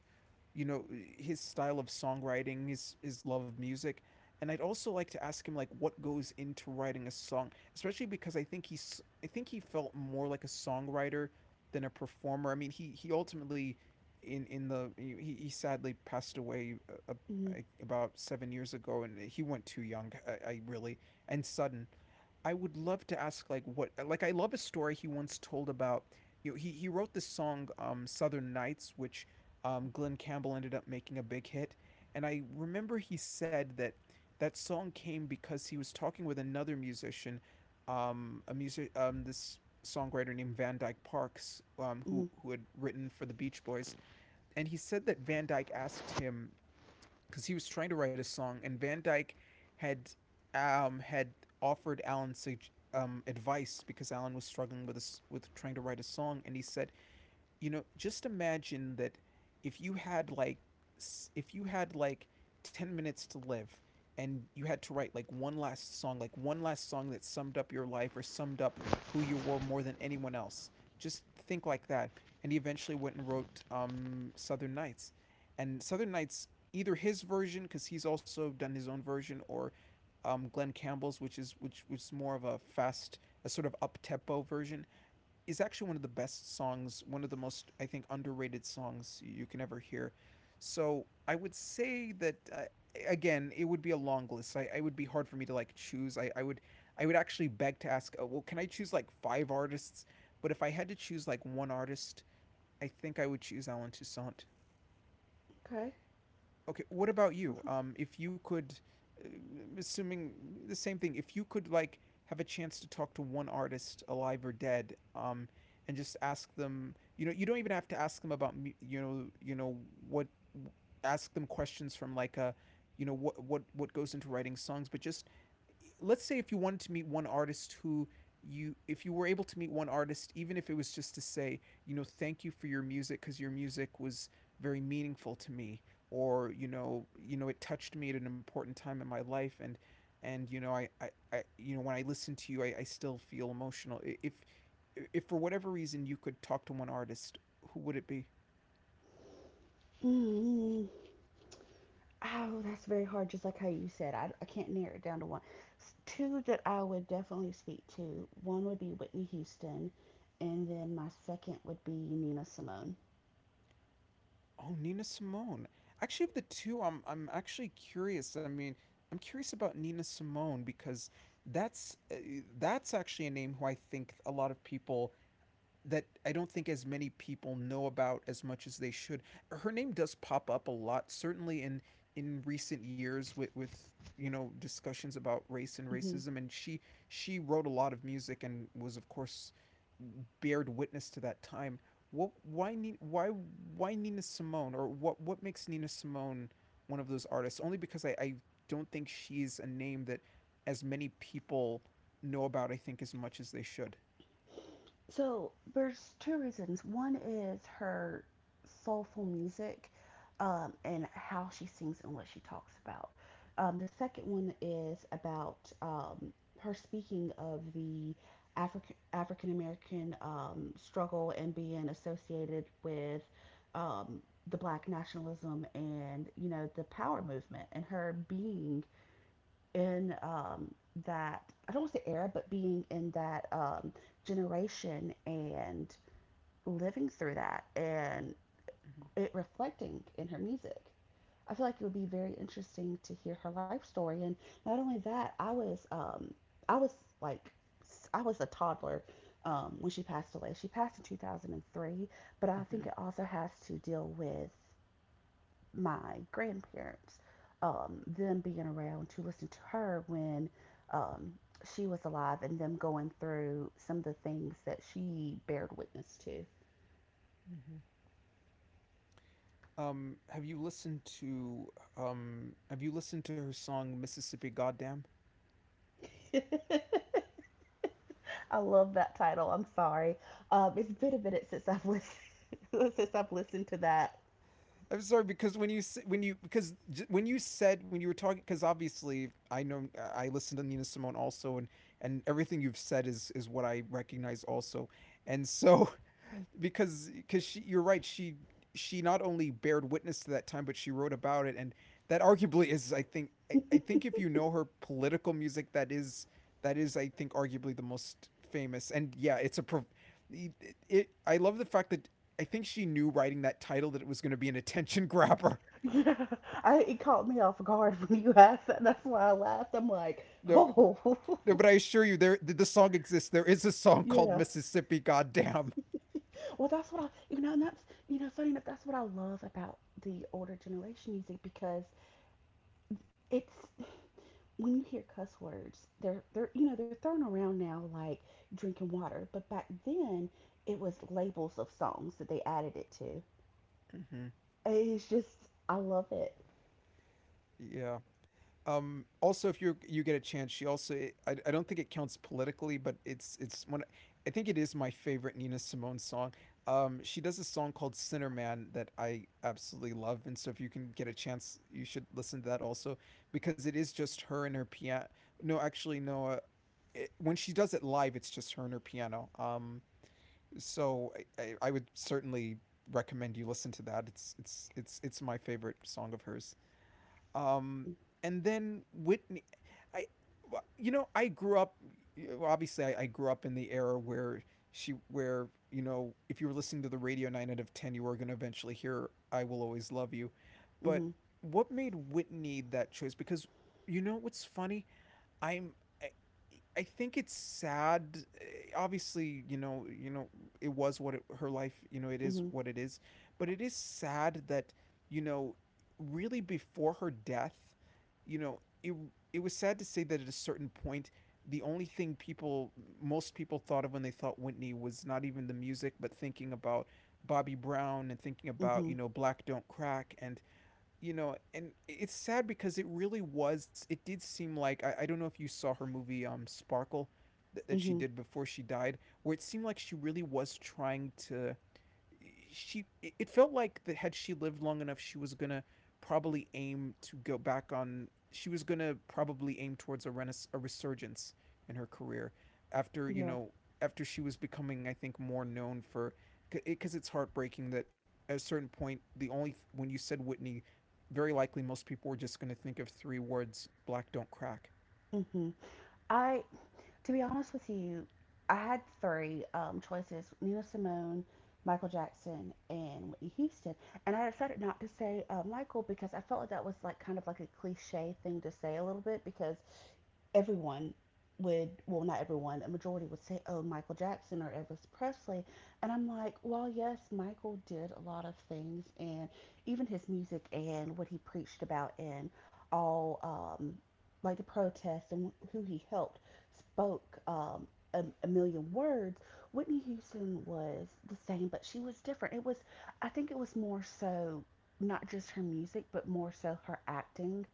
Speaker 1: you know, his style of songwriting, his love of music, and I'd also like to ask him like what goes into writing a song, especially because I think he felt more like a songwriter than a performer. I mean, he ultimately in the he, sadly passed away,
Speaker 2: mm,
Speaker 1: like, about 7 years ago, and he went too young. I really and sudden I would love to ask like what like I love a story he once told about he wrote this song Southern Nights which Glen Campbell ended up making a big hit. And I remember he said that that song came because he was talking with another musician, a music, this songwriter named Van Dyke Parks, um who
Speaker 2: mm.
Speaker 1: who had written for the Beach Boys. And he said that Van Dyke asked him because he was trying to write a song, and Van Dyke had um had offered Alan advice because Alan was struggling with a s with trying to write a song, and he said, you know, just imagine that if you had like if you had like 10 minutes to live, and you had to write like one last song, like one last song that summed up your life or summed up who you were more than anyone else. Just think like that. And he eventually went and wrote Southern Nights. And Southern Nights, either his version, because he's also done his own version, or Glenn Campbell's, which is which was more of a fast, a sort of up tempo version, is actually one of the best songs, one of the most, I think, underrated songs you can ever hear. So I would say that, again, it would be a long list. I would be hard for me to like choose. I would actually beg to ask, well, can I choose like five artists? But if I had to choose like one artist, I think I would choose Alan Toussaint.
Speaker 2: Okay.
Speaker 1: Okay, what about you? If you could, uh, assuming the same thing, if you could like have a chance to talk to one artist, alive or dead, and just ask them, you know, you don't even have to ask them about, you know what, ask them questions from like a, you know, what what goes into writing songs, but just let's say if you wanted to meet one artist who you, if you were able to meet one artist, even if it was just to say, you know, thank you for your music because your music was very meaningful to me, or you know, you know, it touched me at an important time in my life, and I, you know, when I listen to you, I still feel emotional. If for whatever reason you could talk to one artist, who would it be?
Speaker 2: Mm. Oh, that's very hard, just like how you said. I can't narrow it down to one. Two that I would definitely speak to, one would be Whitney Houston, and then my second would be Nina Simone.
Speaker 1: Oh, Nina Simone. Actually, of the two, I'm actually curious. I mean, I'm curious about Nina Simone because that's uh, that's actually a name who I think a lot of people, that I don't think as many people know about as much as they should. Her name does pop up a lot, certainly in recent years with you know, discussions about race and
Speaker 2: Mm-hmm.
Speaker 1: racism, and she wrote a lot of music and was of course bared witness to that time. Why why Nina Simone, or what makes Nina Simone one of those artists? Only because I don't think she's a name that as many people know about, I think, as much as they should.
Speaker 2: So there's two reasons. One is her soulful music, and how she sings and what she talks about. The second one is about her speaking of the African American struggle and being associated with um, the Black nationalism and the power movement and her being in that I don't want to say era, but being in that generation and living through that and
Speaker 1: Mm-hmm.
Speaker 2: it reflecting in her music. I feel like it would be very interesting to hear her life story. And not only that, I was like I was a toddler when she passed away. She passed in 2003, but I
Speaker 1: Mm-hmm.
Speaker 2: think it also has to deal with my grandparents, them being around to listen to her when um, she was alive and them going through some of the things that she bared witness
Speaker 1: Mm-hmm. Have you listened to her song Mississippi Goddamn?
Speaker 2: to. I love that title. I'm sorry. It's been a minute since I've listened since I've listened to that.
Speaker 1: I'm sorry, because when when you, because when you said, when you were talking, because obviously I know I listened to Nina Simone also, and everything you've said is what I recognize also. And so, because she, you're right, she not only bared witness to that time, but she wrote about it, and that arguably is, I think, I think, if you know her political music, that is that is, I think, arguably the most famous. And yeah, it's a pro- it, it, I love the fact that I think she knew writing that title that it was going to be an attention grabber.
Speaker 2: Yeah, it caught me off guard when you asked that. That's why I laughed. I'm like,
Speaker 1: No,
Speaker 2: oh,
Speaker 1: no, but I assure you, there, the song exists, there is a song called
Speaker 2: yeah.
Speaker 1: Mississippi goddamn.
Speaker 2: Well, that's what funny enough, that's what I love about the older generation music because it's when you hear cuss words, they're you know they're thrown around now like drinking water, but back then it was labels of songs that they added it to.
Speaker 1: Mm-hmm.
Speaker 2: It's just I love it.
Speaker 1: Yeah. Also, if you get a chance, she also, I don't think it counts politically, but it's one, I think it is my favorite Nina Simone song. She does a song called Sinner Man that I absolutely love, and so if you can get a chance, you should listen to that also, because it is just her and her piano. No, actually, no. It, when she does it live, it's just her and her piano. So I would certainly recommend you listen to that. It's my favorite song of hers. Um, and then Whitney, I, well, you know, I grew up. Well, obviously, I grew up in the era where she, where you know, if you were listening to the radio, nine out of ten, you were going to eventually hear "I Will Always Love You." But
Speaker 2: Mhm,
Speaker 1: what made Whitney that choice? Because you know what's funny? I'm I, think it's sad. Eh, obviously, you know, it was what it, her life, you know, it is
Speaker 2: mhm,
Speaker 1: what it is, but it is sad that, you know, really before her death, you know, it was sad to say that at a certain point the only thing people, most people thought of when they thought Whitney was not even the music, but thinking about Bobby Brown, and thinking about,
Speaker 2: mhm,
Speaker 1: you know, Black Don't Crack and you know, and it's sad because it really was. It did seem like I don't know if you saw her movie, Sparkle, that she
Speaker 2: mhm.
Speaker 1: did before she died, where it seemed like she really was trying to, she it felt like that had she lived long enough, she was gonna probably aim to go back on, she was gonna probably aim towards a renaissance, a resurgence in her career after, you
Speaker 2: Yeah.
Speaker 1: know, after she was becoming, I think, more known for, because it's heartbreaking that at a certain point the only when you said Whitney, very likely most people were just going to think of three words: Black Don't Crack.
Speaker 2: Mhm. I, to be honest with you, I had three choices: Nina Simone, Michael Jackson, and Whitney Houston. And I decided not to say Michael because I felt like that was kind of a cliche thing to say a little bit because everyone would well not everyone a majority would say, oh, Michael Jackson or Elvis Presley, and I'm like, well, yes, Michael did a lot of things and even his music and what he preached about and all, like the protests and who he helped, spoke a million words. Whitney Houston was the same, but she was different. I think it was more so not just her music, but more so her acting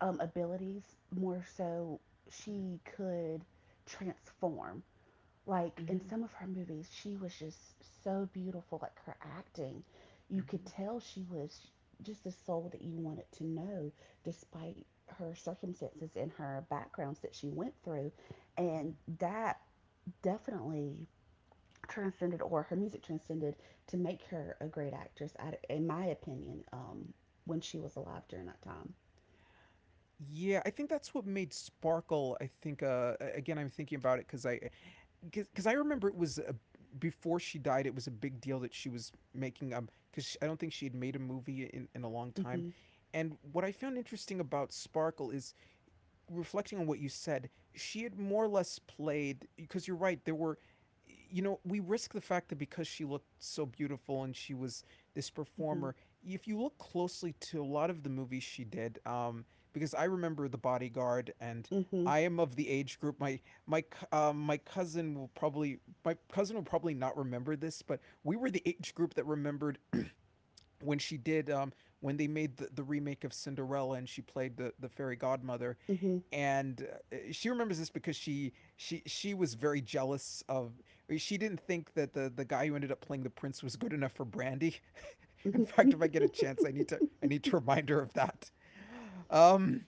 Speaker 2: abilities. More so, she could transform. Like, in
Speaker 1: Mm-hmm.
Speaker 2: some of her movies, she was just so beautiful. Like, her acting, you could
Speaker 1: Mm-hmm.
Speaker 2: tell she was just a soul that you wanted to know, despite her circumstances and her backgrounds that she went through. And
Speaker 1: Mm-hmm.
Speaker 2: that definitely transcended, or her music transcended, to make her a great actress, in my opinion, when she was alive during that time.
Speaker 1: Yeah, I think that's what made Sparkle. I think, uh, again, I'm thinking about it because i, because I remember it was a, before she died. It was a big deal that she was making, um, because I don't think she had made a movie in a long time.
Speaker 2: Hmm.
Speaker 1: And what I found interesting about Sparkle is, reflecting on what you said, she had more or less played, because you're right. There were, you know, we risk the fact that because she looked so beautiful, and she was this
Speaker 2: Hmm.
Speaker 1: performer. If you look closely to a lot of the movies she did, because I remember The Bodyguard, and.
Speaker 2: Hmm.
Speaker 1: I am of the age group. My my cousin will probably not remember this, but we were the age group that remembered when she did, when they made the remake of Cinderella, and she played the fairy godmother.
Speaker 2: Hmm.
Speaker 1: And she remembers this because she she was very jealous of, eh, she didn't think that the guy who ended up playing the prince was good enough for Brandy. In fact,
Speaker 2: Hmm.
Speaker 1: if I get a chance, I need to remind her of that. Um,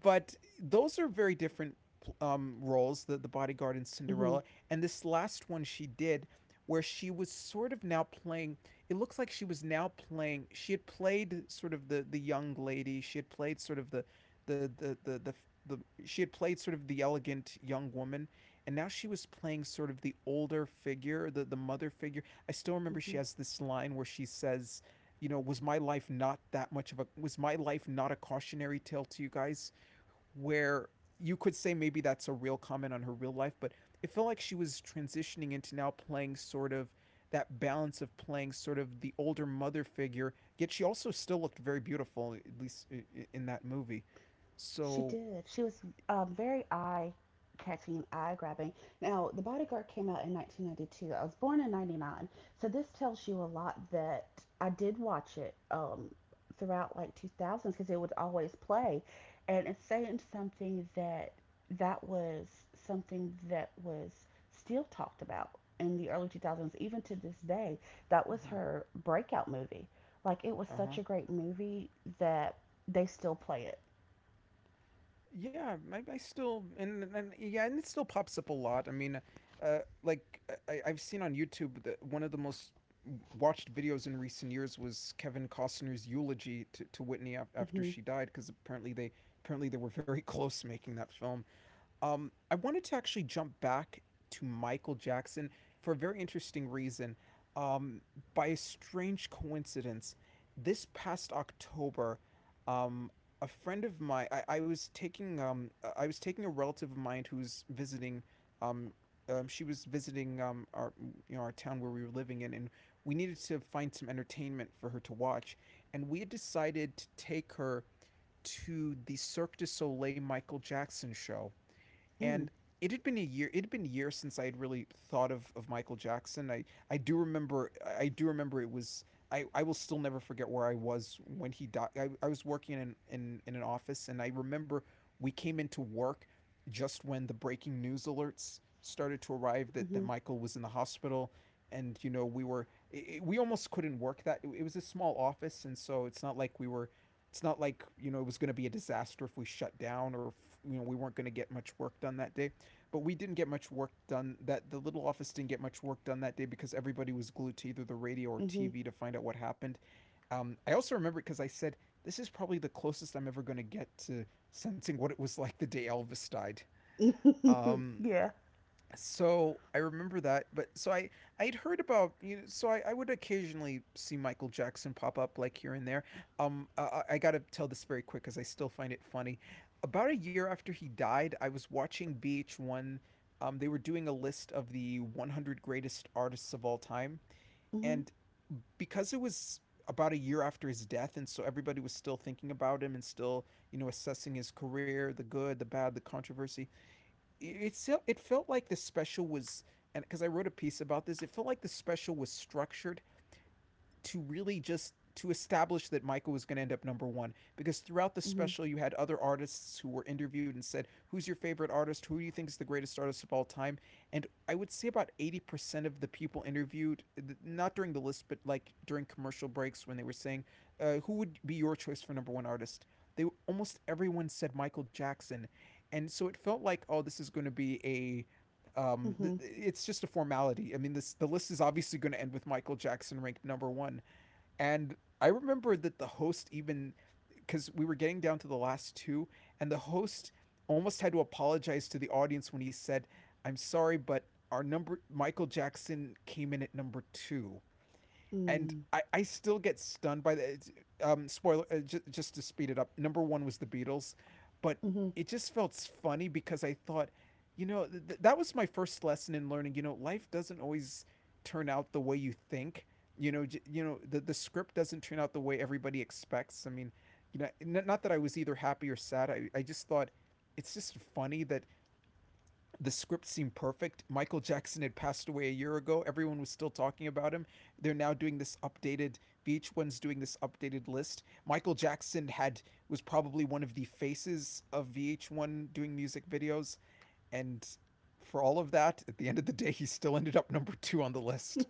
Speaker 1: but those are very different, roles, the Bodyguard and
Speaker 2: Hmm.
Speaker 1: Cinderella, and this last one she did, where she was sort of now playing, it looks like she was now playing, she had played sort of the young lady, she had played sort of the the the the, the the, she had played sort of the elegant young woman, and now she was playing sort of the older figure, the mother figure. I still remember she
Speaker 2: Hmm.
Speaker 1: has this line where she says, you know, was my life not a cautionary tale to you guys? Where you could say maybe that's a real comment on her real life, but it felt like she was transitioning into now playing sort of that balance of playing sort of the older mother figure, yet she also still looked very beautiful, at least in that movie.
Speaker 2: She
Speaker 1: So,
Speaker 2: did. She was, very eye catching, eye grabbing. Now, The Bodyguard came out in 1992. I was born in 99. So this tells you a lot that I did watch it throughout like 2000s because it would always play. And it's saying something that that was something that was still talked about in the early 2000s, even to this day. That was her breakout movie. Like, it was
Speaker 1: uh huh.
Speaker 2: such a great movie that they still play it.
Speaker 1: Yeah, I still, and yeah, and it still pops up a lot. I mean, like, I've seen on YouTube that one of the most watched videos in recent years was Kevin Costner's eulogy to Whitney after
Speaker 2: Hmm.
Speaker 1: she died, because apparently they, apparently they were very close making that film. Um, I wanted to actually jump back to Michael Jackson for a very interesting reason. Um, by a strange coincidence, this past October, um, a friend of mine, I was taking, I was taking a relative of mine who's visiting, um, she was visiting our, our town where we were living in, and we needed to find some entertainment for her to watch, and we had decided to take her to the Cirque du Soleil Michael Jackson show,
Speaker 2: Mm,
Speaker 1: and it had been years since I had really thought of Michael Jackson. I do remember I do remember it was, I will still never forget where I was when he died. I was working in, in an office, and I remember we came into work just when the breaking news alerts started to arrive, that
Speaker 2: mhm,
Speaker 1: Michael was in the hospital. And you know, we almost couldn't work. That It was a small office, and so it's not like we were, it's not like, you know, it was going to be a disaster if we shut down, or if, you know, we weren't going to get much work done that day. But we didn't get much work done, that the little office didn't get much work done that day, because everybody was glued to either the radio or
Speaker 2: mhm.
Speaker 1: TV to find out what happened. I also remember because I said this is probably the closest I'm ever going to get to sensing what it was like the day Elvis died. um,
Speaker 2: Yeah.
Speaker 1: so I remember that, but I'd heard about, you know, I would occasionally see Michael Jackson pop up like here and there. I gotta tell this very quick because I still find it funny. About a year after he died, I was watching BH1. They were doing a list of the 100 greatest artists of all time,
Speaker 2: Mhm,
Speaker 1: and because it was about a year after his death, and so everybody was still thinking about him and still, you know, assessing his career, the good, the bad, the controversy. It felt like the special was, and because I wrote a piece about this, it felt like the special was structured to really just to establish that Michael was going to end up number one, because throughout the
Speaker 2: mhm,
Speaker 1: special you had other artists who were interviewed and said, who's your favorite artist, who do you think is the greatest artist of all time? And I would say about 80% of the people interviewed, not during the list but like during commercial breaks, when they were saying, who would be your choice for number one artist, they, almost everyone said Michael Jackson. And so it felt like, oh, this is going to be a,
Speaker 2: mhm,
Speaker 1: it's just a formality. I mean, this the list is obviously going to end with Michael Jackson ranked number one. And I remember that the host, even because we were getting down to the last two, and the host almost had to apologize to the audience when he said, "I'm sorry, but our number Michael Jackson came in at number two." And
Speaker 2: mm,
Speaker 1: I still get stunned by the spoiler. Just to speed it up, number one was the Beatles. But
Speaker 2: mhm,
Speaker 1: it just felt funny because I thought, you know, that was my first lesson in learning, you know, life doesn't always turn out the way you think. You know, you know, the script doesn't turn out the way everybody expects. I mean, you know, not that I was either happy or sad. I just thought it's just funny that the script seemed perfect. Michael Jackson had passed away a year ago. Everyone was still talking about him. They're now doing this updated, VH1's doing this updated list. Michael Jackson had, was probably one of the faces of VH1 doing music videos, and for all of that, at the end of the day he still ended up number 2 on the list.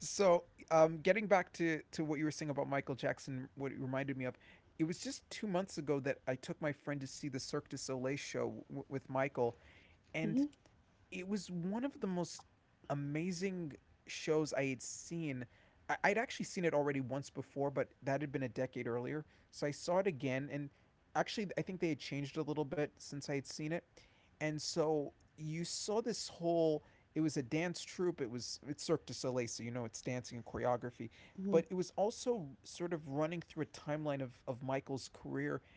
Speaker 1: So, getting back to what you were saying about Michael Jackson, what it reminded me of, it was just 2 months ago that I took my friend to see the Cirque du Soleil show with Michael,
Speaker 2: mhm,
Speaker 1: and it was one of the most amazing shows I had seen. I- would actually seen it already once before, but that had been a decade earlier. So I saw it again, and actually, I think they had changed a little bit since I had seen it. And so you saw this whole. It was a dance troupe. It's Cirque du Soleil, so you know it's dancing and choreography.
Speaker 2: mhm,
Speaker 1: But it was also sort of running through a timeline of Michael's career,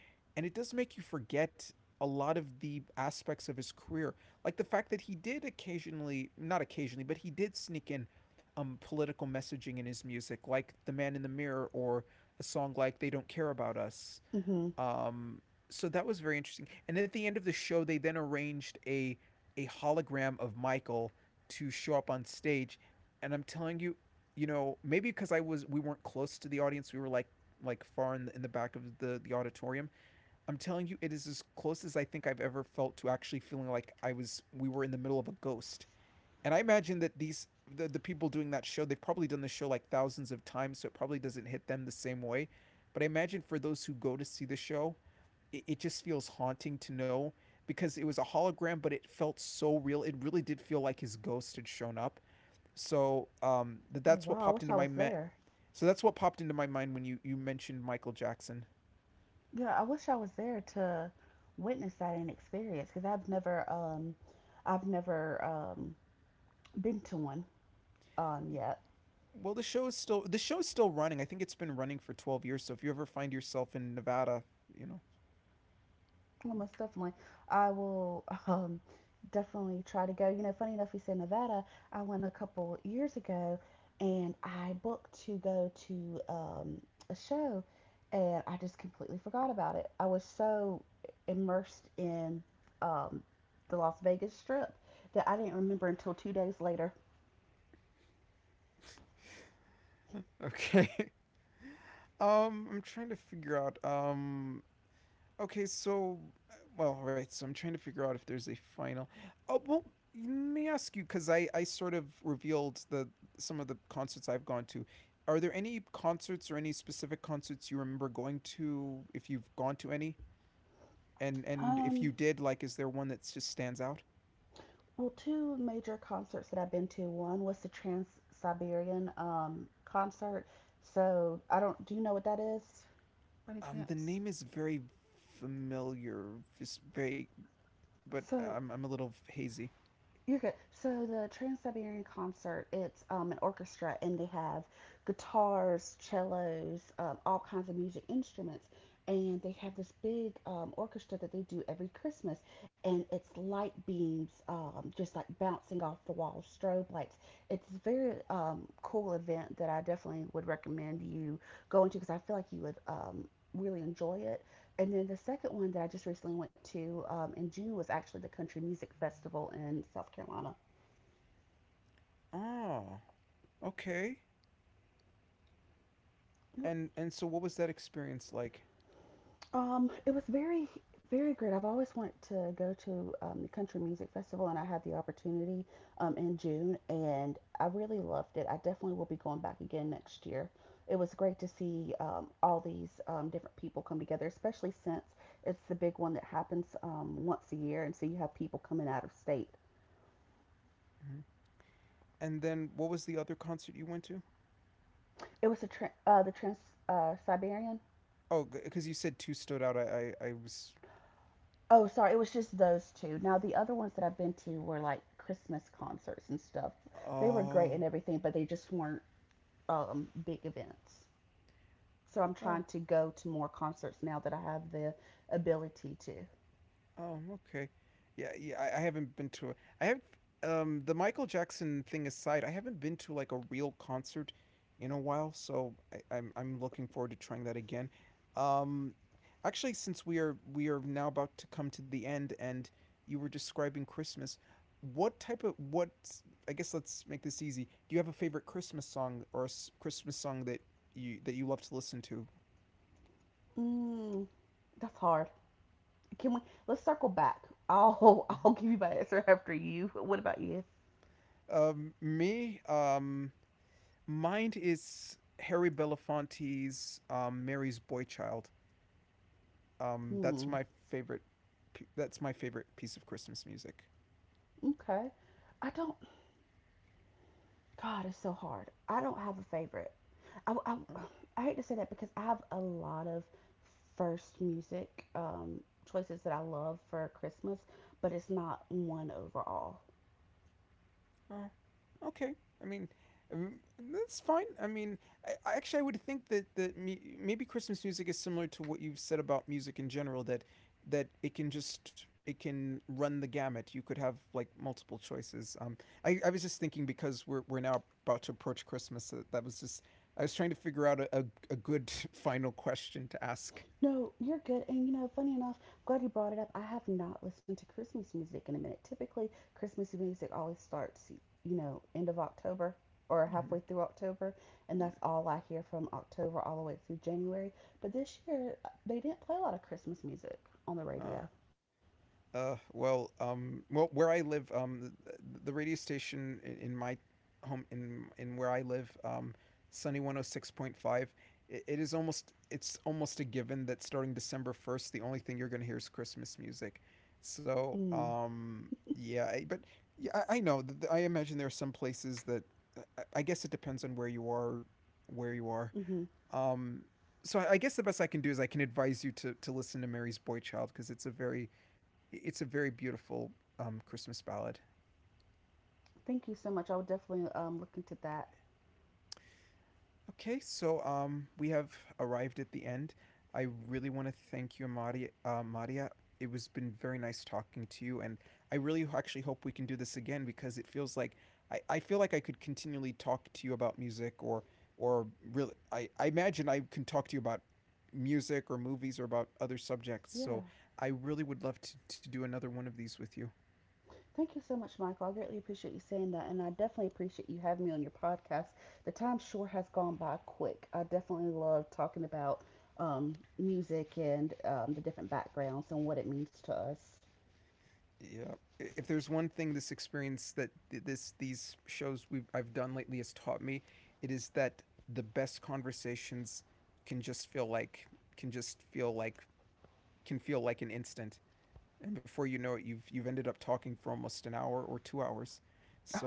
Speaker 1: and it does make you forget a lot of the aspects of his career, like the fact that he did occasionally, not occasionally, but he did sneak in political messaging in his music, like The Man in the Mirror, or a song like They Don't Care About Us.
Speaker 2: mhm.
Speaker 1: Um, so that was very interesting. And at the end of the show, they then arranged a hologram of Michael to show up on stage. And I'm telling you, you know, maybe because we weren't close to the audience, we were like far in the back of the auditorium. I'm telling you, it is as close as I think I've ever felt to actually feeling like I was we were in the middle of a ghost. And I imagine that the people doing that show, they've probably done the show like thousands of times, so it probably doesn't hit them the same way. But I imagine for those who go to see the show, it just feels haunting to know, because it was a hologram, but it felt so real. It really did feel like his ghost had shown up. So
Speaker 2: Oh
Speaker 1: that's what
Speaker 2: wow! I
Speaker 1: popped
Speaker 2: wish I
Speaker 1: into my
Speaker 2: was there.
Speaker 1: so that's what popped into my mind when you mentioned Michael Jackson.
Speaker 2: Yeah, I wish I was there to witness that and experience because I've never been to one yet.
Speaker 1: Well, the show is still running. I think it's been running for 12 years. So if you ever find yourself in Nevada, you know.
Speaker 2: Almost definitely. I will definitely try to go. You know, funny enough, we said Nevada. I went a couple years ago and I booked to go to a show, and I just completely forgot about it. I was so immersed in um, the Las Vegas Strip that I didn't remember until 2 days later.
Speaker 1: Okay. I'm trying to figure out. Okay, so well, all right. So I'm trying to figure out if there's a final. Oh well, let me ask you because I sort of revealed the, some of the concerts I've gone to. Are there any concerts or any specific concerts you remember going to, if you've gone to any? And if
Speaker 2: Um,
Speaker 1: you did, like, is there one that just stands out?
Speaker 2: well, two major concerts that I've been to. One was the Trans Siberian concert. So I don't. Do you know what that is?
Speaker 1: The name is very familiar, just vague, but
Speaker 2: So
Speaker 1: I'm a little hazy.
Speaker 2: you're good. So the Trans Siberian Concert, it's an orchestra, and they have guitars, cellos, all kinds of music instruments, and they have this big orchestra that they do every Christmas, and it's light beams, just like bouncing off the wall, strobe lights. It's a very cool event that I definitely would recommend you going to because I feel like you would really enjoy it, and then the second one that I just recently went to in June was actually the Country Music Festival in South Carolina.
Speaker 1: Oh, okay. And so what was that experience like?
Speaker 2: It was very, very great. I've always wanted to go to the Country Music Festival, and I had the opportunity in June, and I really loved it. I definitely will be going back again next year. It was great to see all these different people come together, especially since it's the big one that happens once a year, and so you have people coming out of state.
Speaker 1: Mm-hmm. And then what was the other concert you went to?
Speaker 2: It was a tra- The Trans, Siberian.
Speaker 1: Oh, because you said two stood out. I was.
Speaker 2: Oh, sorry, it was just those two. Now, the other ones that I've been to were like Christmas concerts and stuff. They were great
Speaker 1: Oh.
Speaker 2: and everything, but they just weren't big events. So I'm
Speaker 1: Oh.
Speaker 2: trying to go to more concerts now that I have the ability to.
Speaker 1: Oh, okay. Yeah, yeah. I haven't been to a. I have the Michael Jackson thing aside, I haven't been to like a real concert in a while, so I'm looking forward to trying that again. Um, actually, since we are now about to come to the end, and you were describing Christmas, what type of what? I guess let's make this easy. Do you have a favorite Christmas song, or a Christmas song that you love to listen to?
Speaker 2: Mm, that's hard. Can we? Let's circle back. I'll
Speaker 1: Mhm.
Speaker 2: I'll give you my answer after you. What about you?
Speaker 1: Me, Mind is Harry Belafonte's Mary's Boy Child. That's
Speaker 2: Hmm.
Speaker 1: my favorite. That's my favorite piece of Christmas music.
Speaker 2: Okay. I don't. God, it's so hard. I don't have a favorite. I, I,
Speaker 1: Uh,
Speaker 2: I hate to say that because I have a lot of first music choices that I love for Christmas, but it's not one overall.
Speaker 1: oh, okay. I mean, um, that's fine. I mean, I actually, I would think that maybe Christmas music is similar to what you've said about music in general. That it can just, it can run the gamut. You could have like multiple choices. I was just thinking because we're now about to approach Christmas. That was just, I was trying to figure out a good final question to ask.
Speaker 2: No, you're good. And you know, funny enough, I'm glad you brought it up. I have not listened to Christmas music in a minute. Typically, Christmas music always starts, end of October or
Speaker 1: Hmm.
Speaker 2: halfway through October, and that's all I hear from October all the way through January. But this year, they didn't play a lot of Christmas music on the
Speaker 1: Oh.
Speaker 2: radio.
Speaker 1: Well, well, where I live, the radio station in my home in where I live, Sunny one hundred 6.5. It is almost, it's almost a given that starting December 1st, the only thing you're going to hear is Christmas music. So,
Speaker 2: Mm.
Speaker 1: yeah, but yeah, I know. I imagine there are some places that I guess it depends on where you are, where you are.
Speaker 2: Mm. Hmm.
Speaker 1: Um, so I guess the best I can do is I can advise you to listen to Mary's Boy Child because it's a very, it's a very beautiful Christmas ballad.
Speaker 2: Thank you so much. I will definitely look into that.
Speaker 1: Okay, so we have arrived at the end. I really want to thank you, Maria. Maria, it was been very nice talking to you, and I really actually hope we can do this again because it feels like I feel like I could continually talk to you about music or really I imagine I can talk to you about music or movies or about other subjects.
Speaker 2: Yeah.
Speaker 1: So I really would love to do another one of these with you.
Speaker 2: Thank you so much, Michael. I greatly appreciate you saying that, and I definitely appreciate you having me on your podcast. The time sure has gone by quick. I definitely love talking about music and the different backgrounds and what it means to us.
Speaker 1: Yeah. If there's one thing this experience that this, these shows we've I've done lately has taught me, it is that the best conversations can just feel like can just feel like can feel like an instant. And before you know it, you've ended up talking for almost an hour or 2 hours.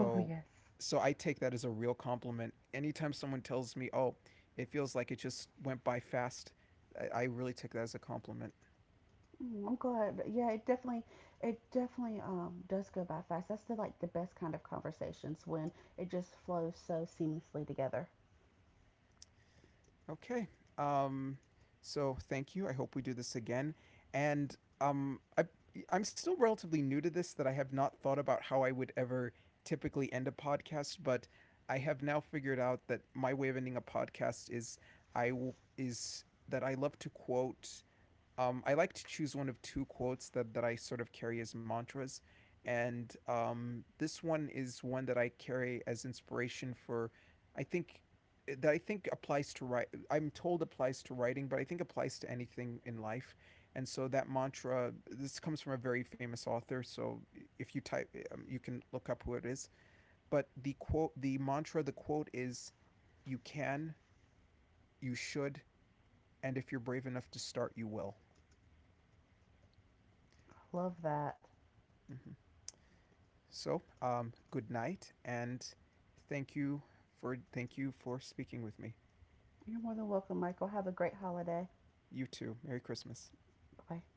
Speaker 2: Oh, yes.
Speaker 1: I take that as a real compliment. Anytime someone tells me, "Oh, it feels like it just went by fast," I really take that as a compliment.
Speaker 2: Mm, I'm glad. Yeah, it definitely does go by fast. That's the best kind of conversations when it just flows so seamlessly together.
Speaker 1: Okay. Um so thank you. I hope we do this again. And um I I'm still relatively new to this that I have not thought about how I would ever typically end a podcast, but I have now figured out that my way of ending a podcast is I will is that I love to quote I like to choose one of two quotes that I sort of carry as mantras. And this one is one that I carry as inspiration for, I think, eh, that I think applies to write. I'm told applies to writing, but I think applies to anything in life. And so that mantra, this comes from a very famous author. So if you type, you can look up who it is. But the quote, the mantra, the quote is, "You can, you should, and if you're brave enough to start, you will."
Speaker 2: Love that.
Speaker 1: Mm-hmm. So, good night, and thank you thank you for speaking with me.
Speaker 2: You're more than welcome, Michael. Have a great holiday.
Speaker 1: You too. Merry Christmas.
Speaker 2: Bye-bye.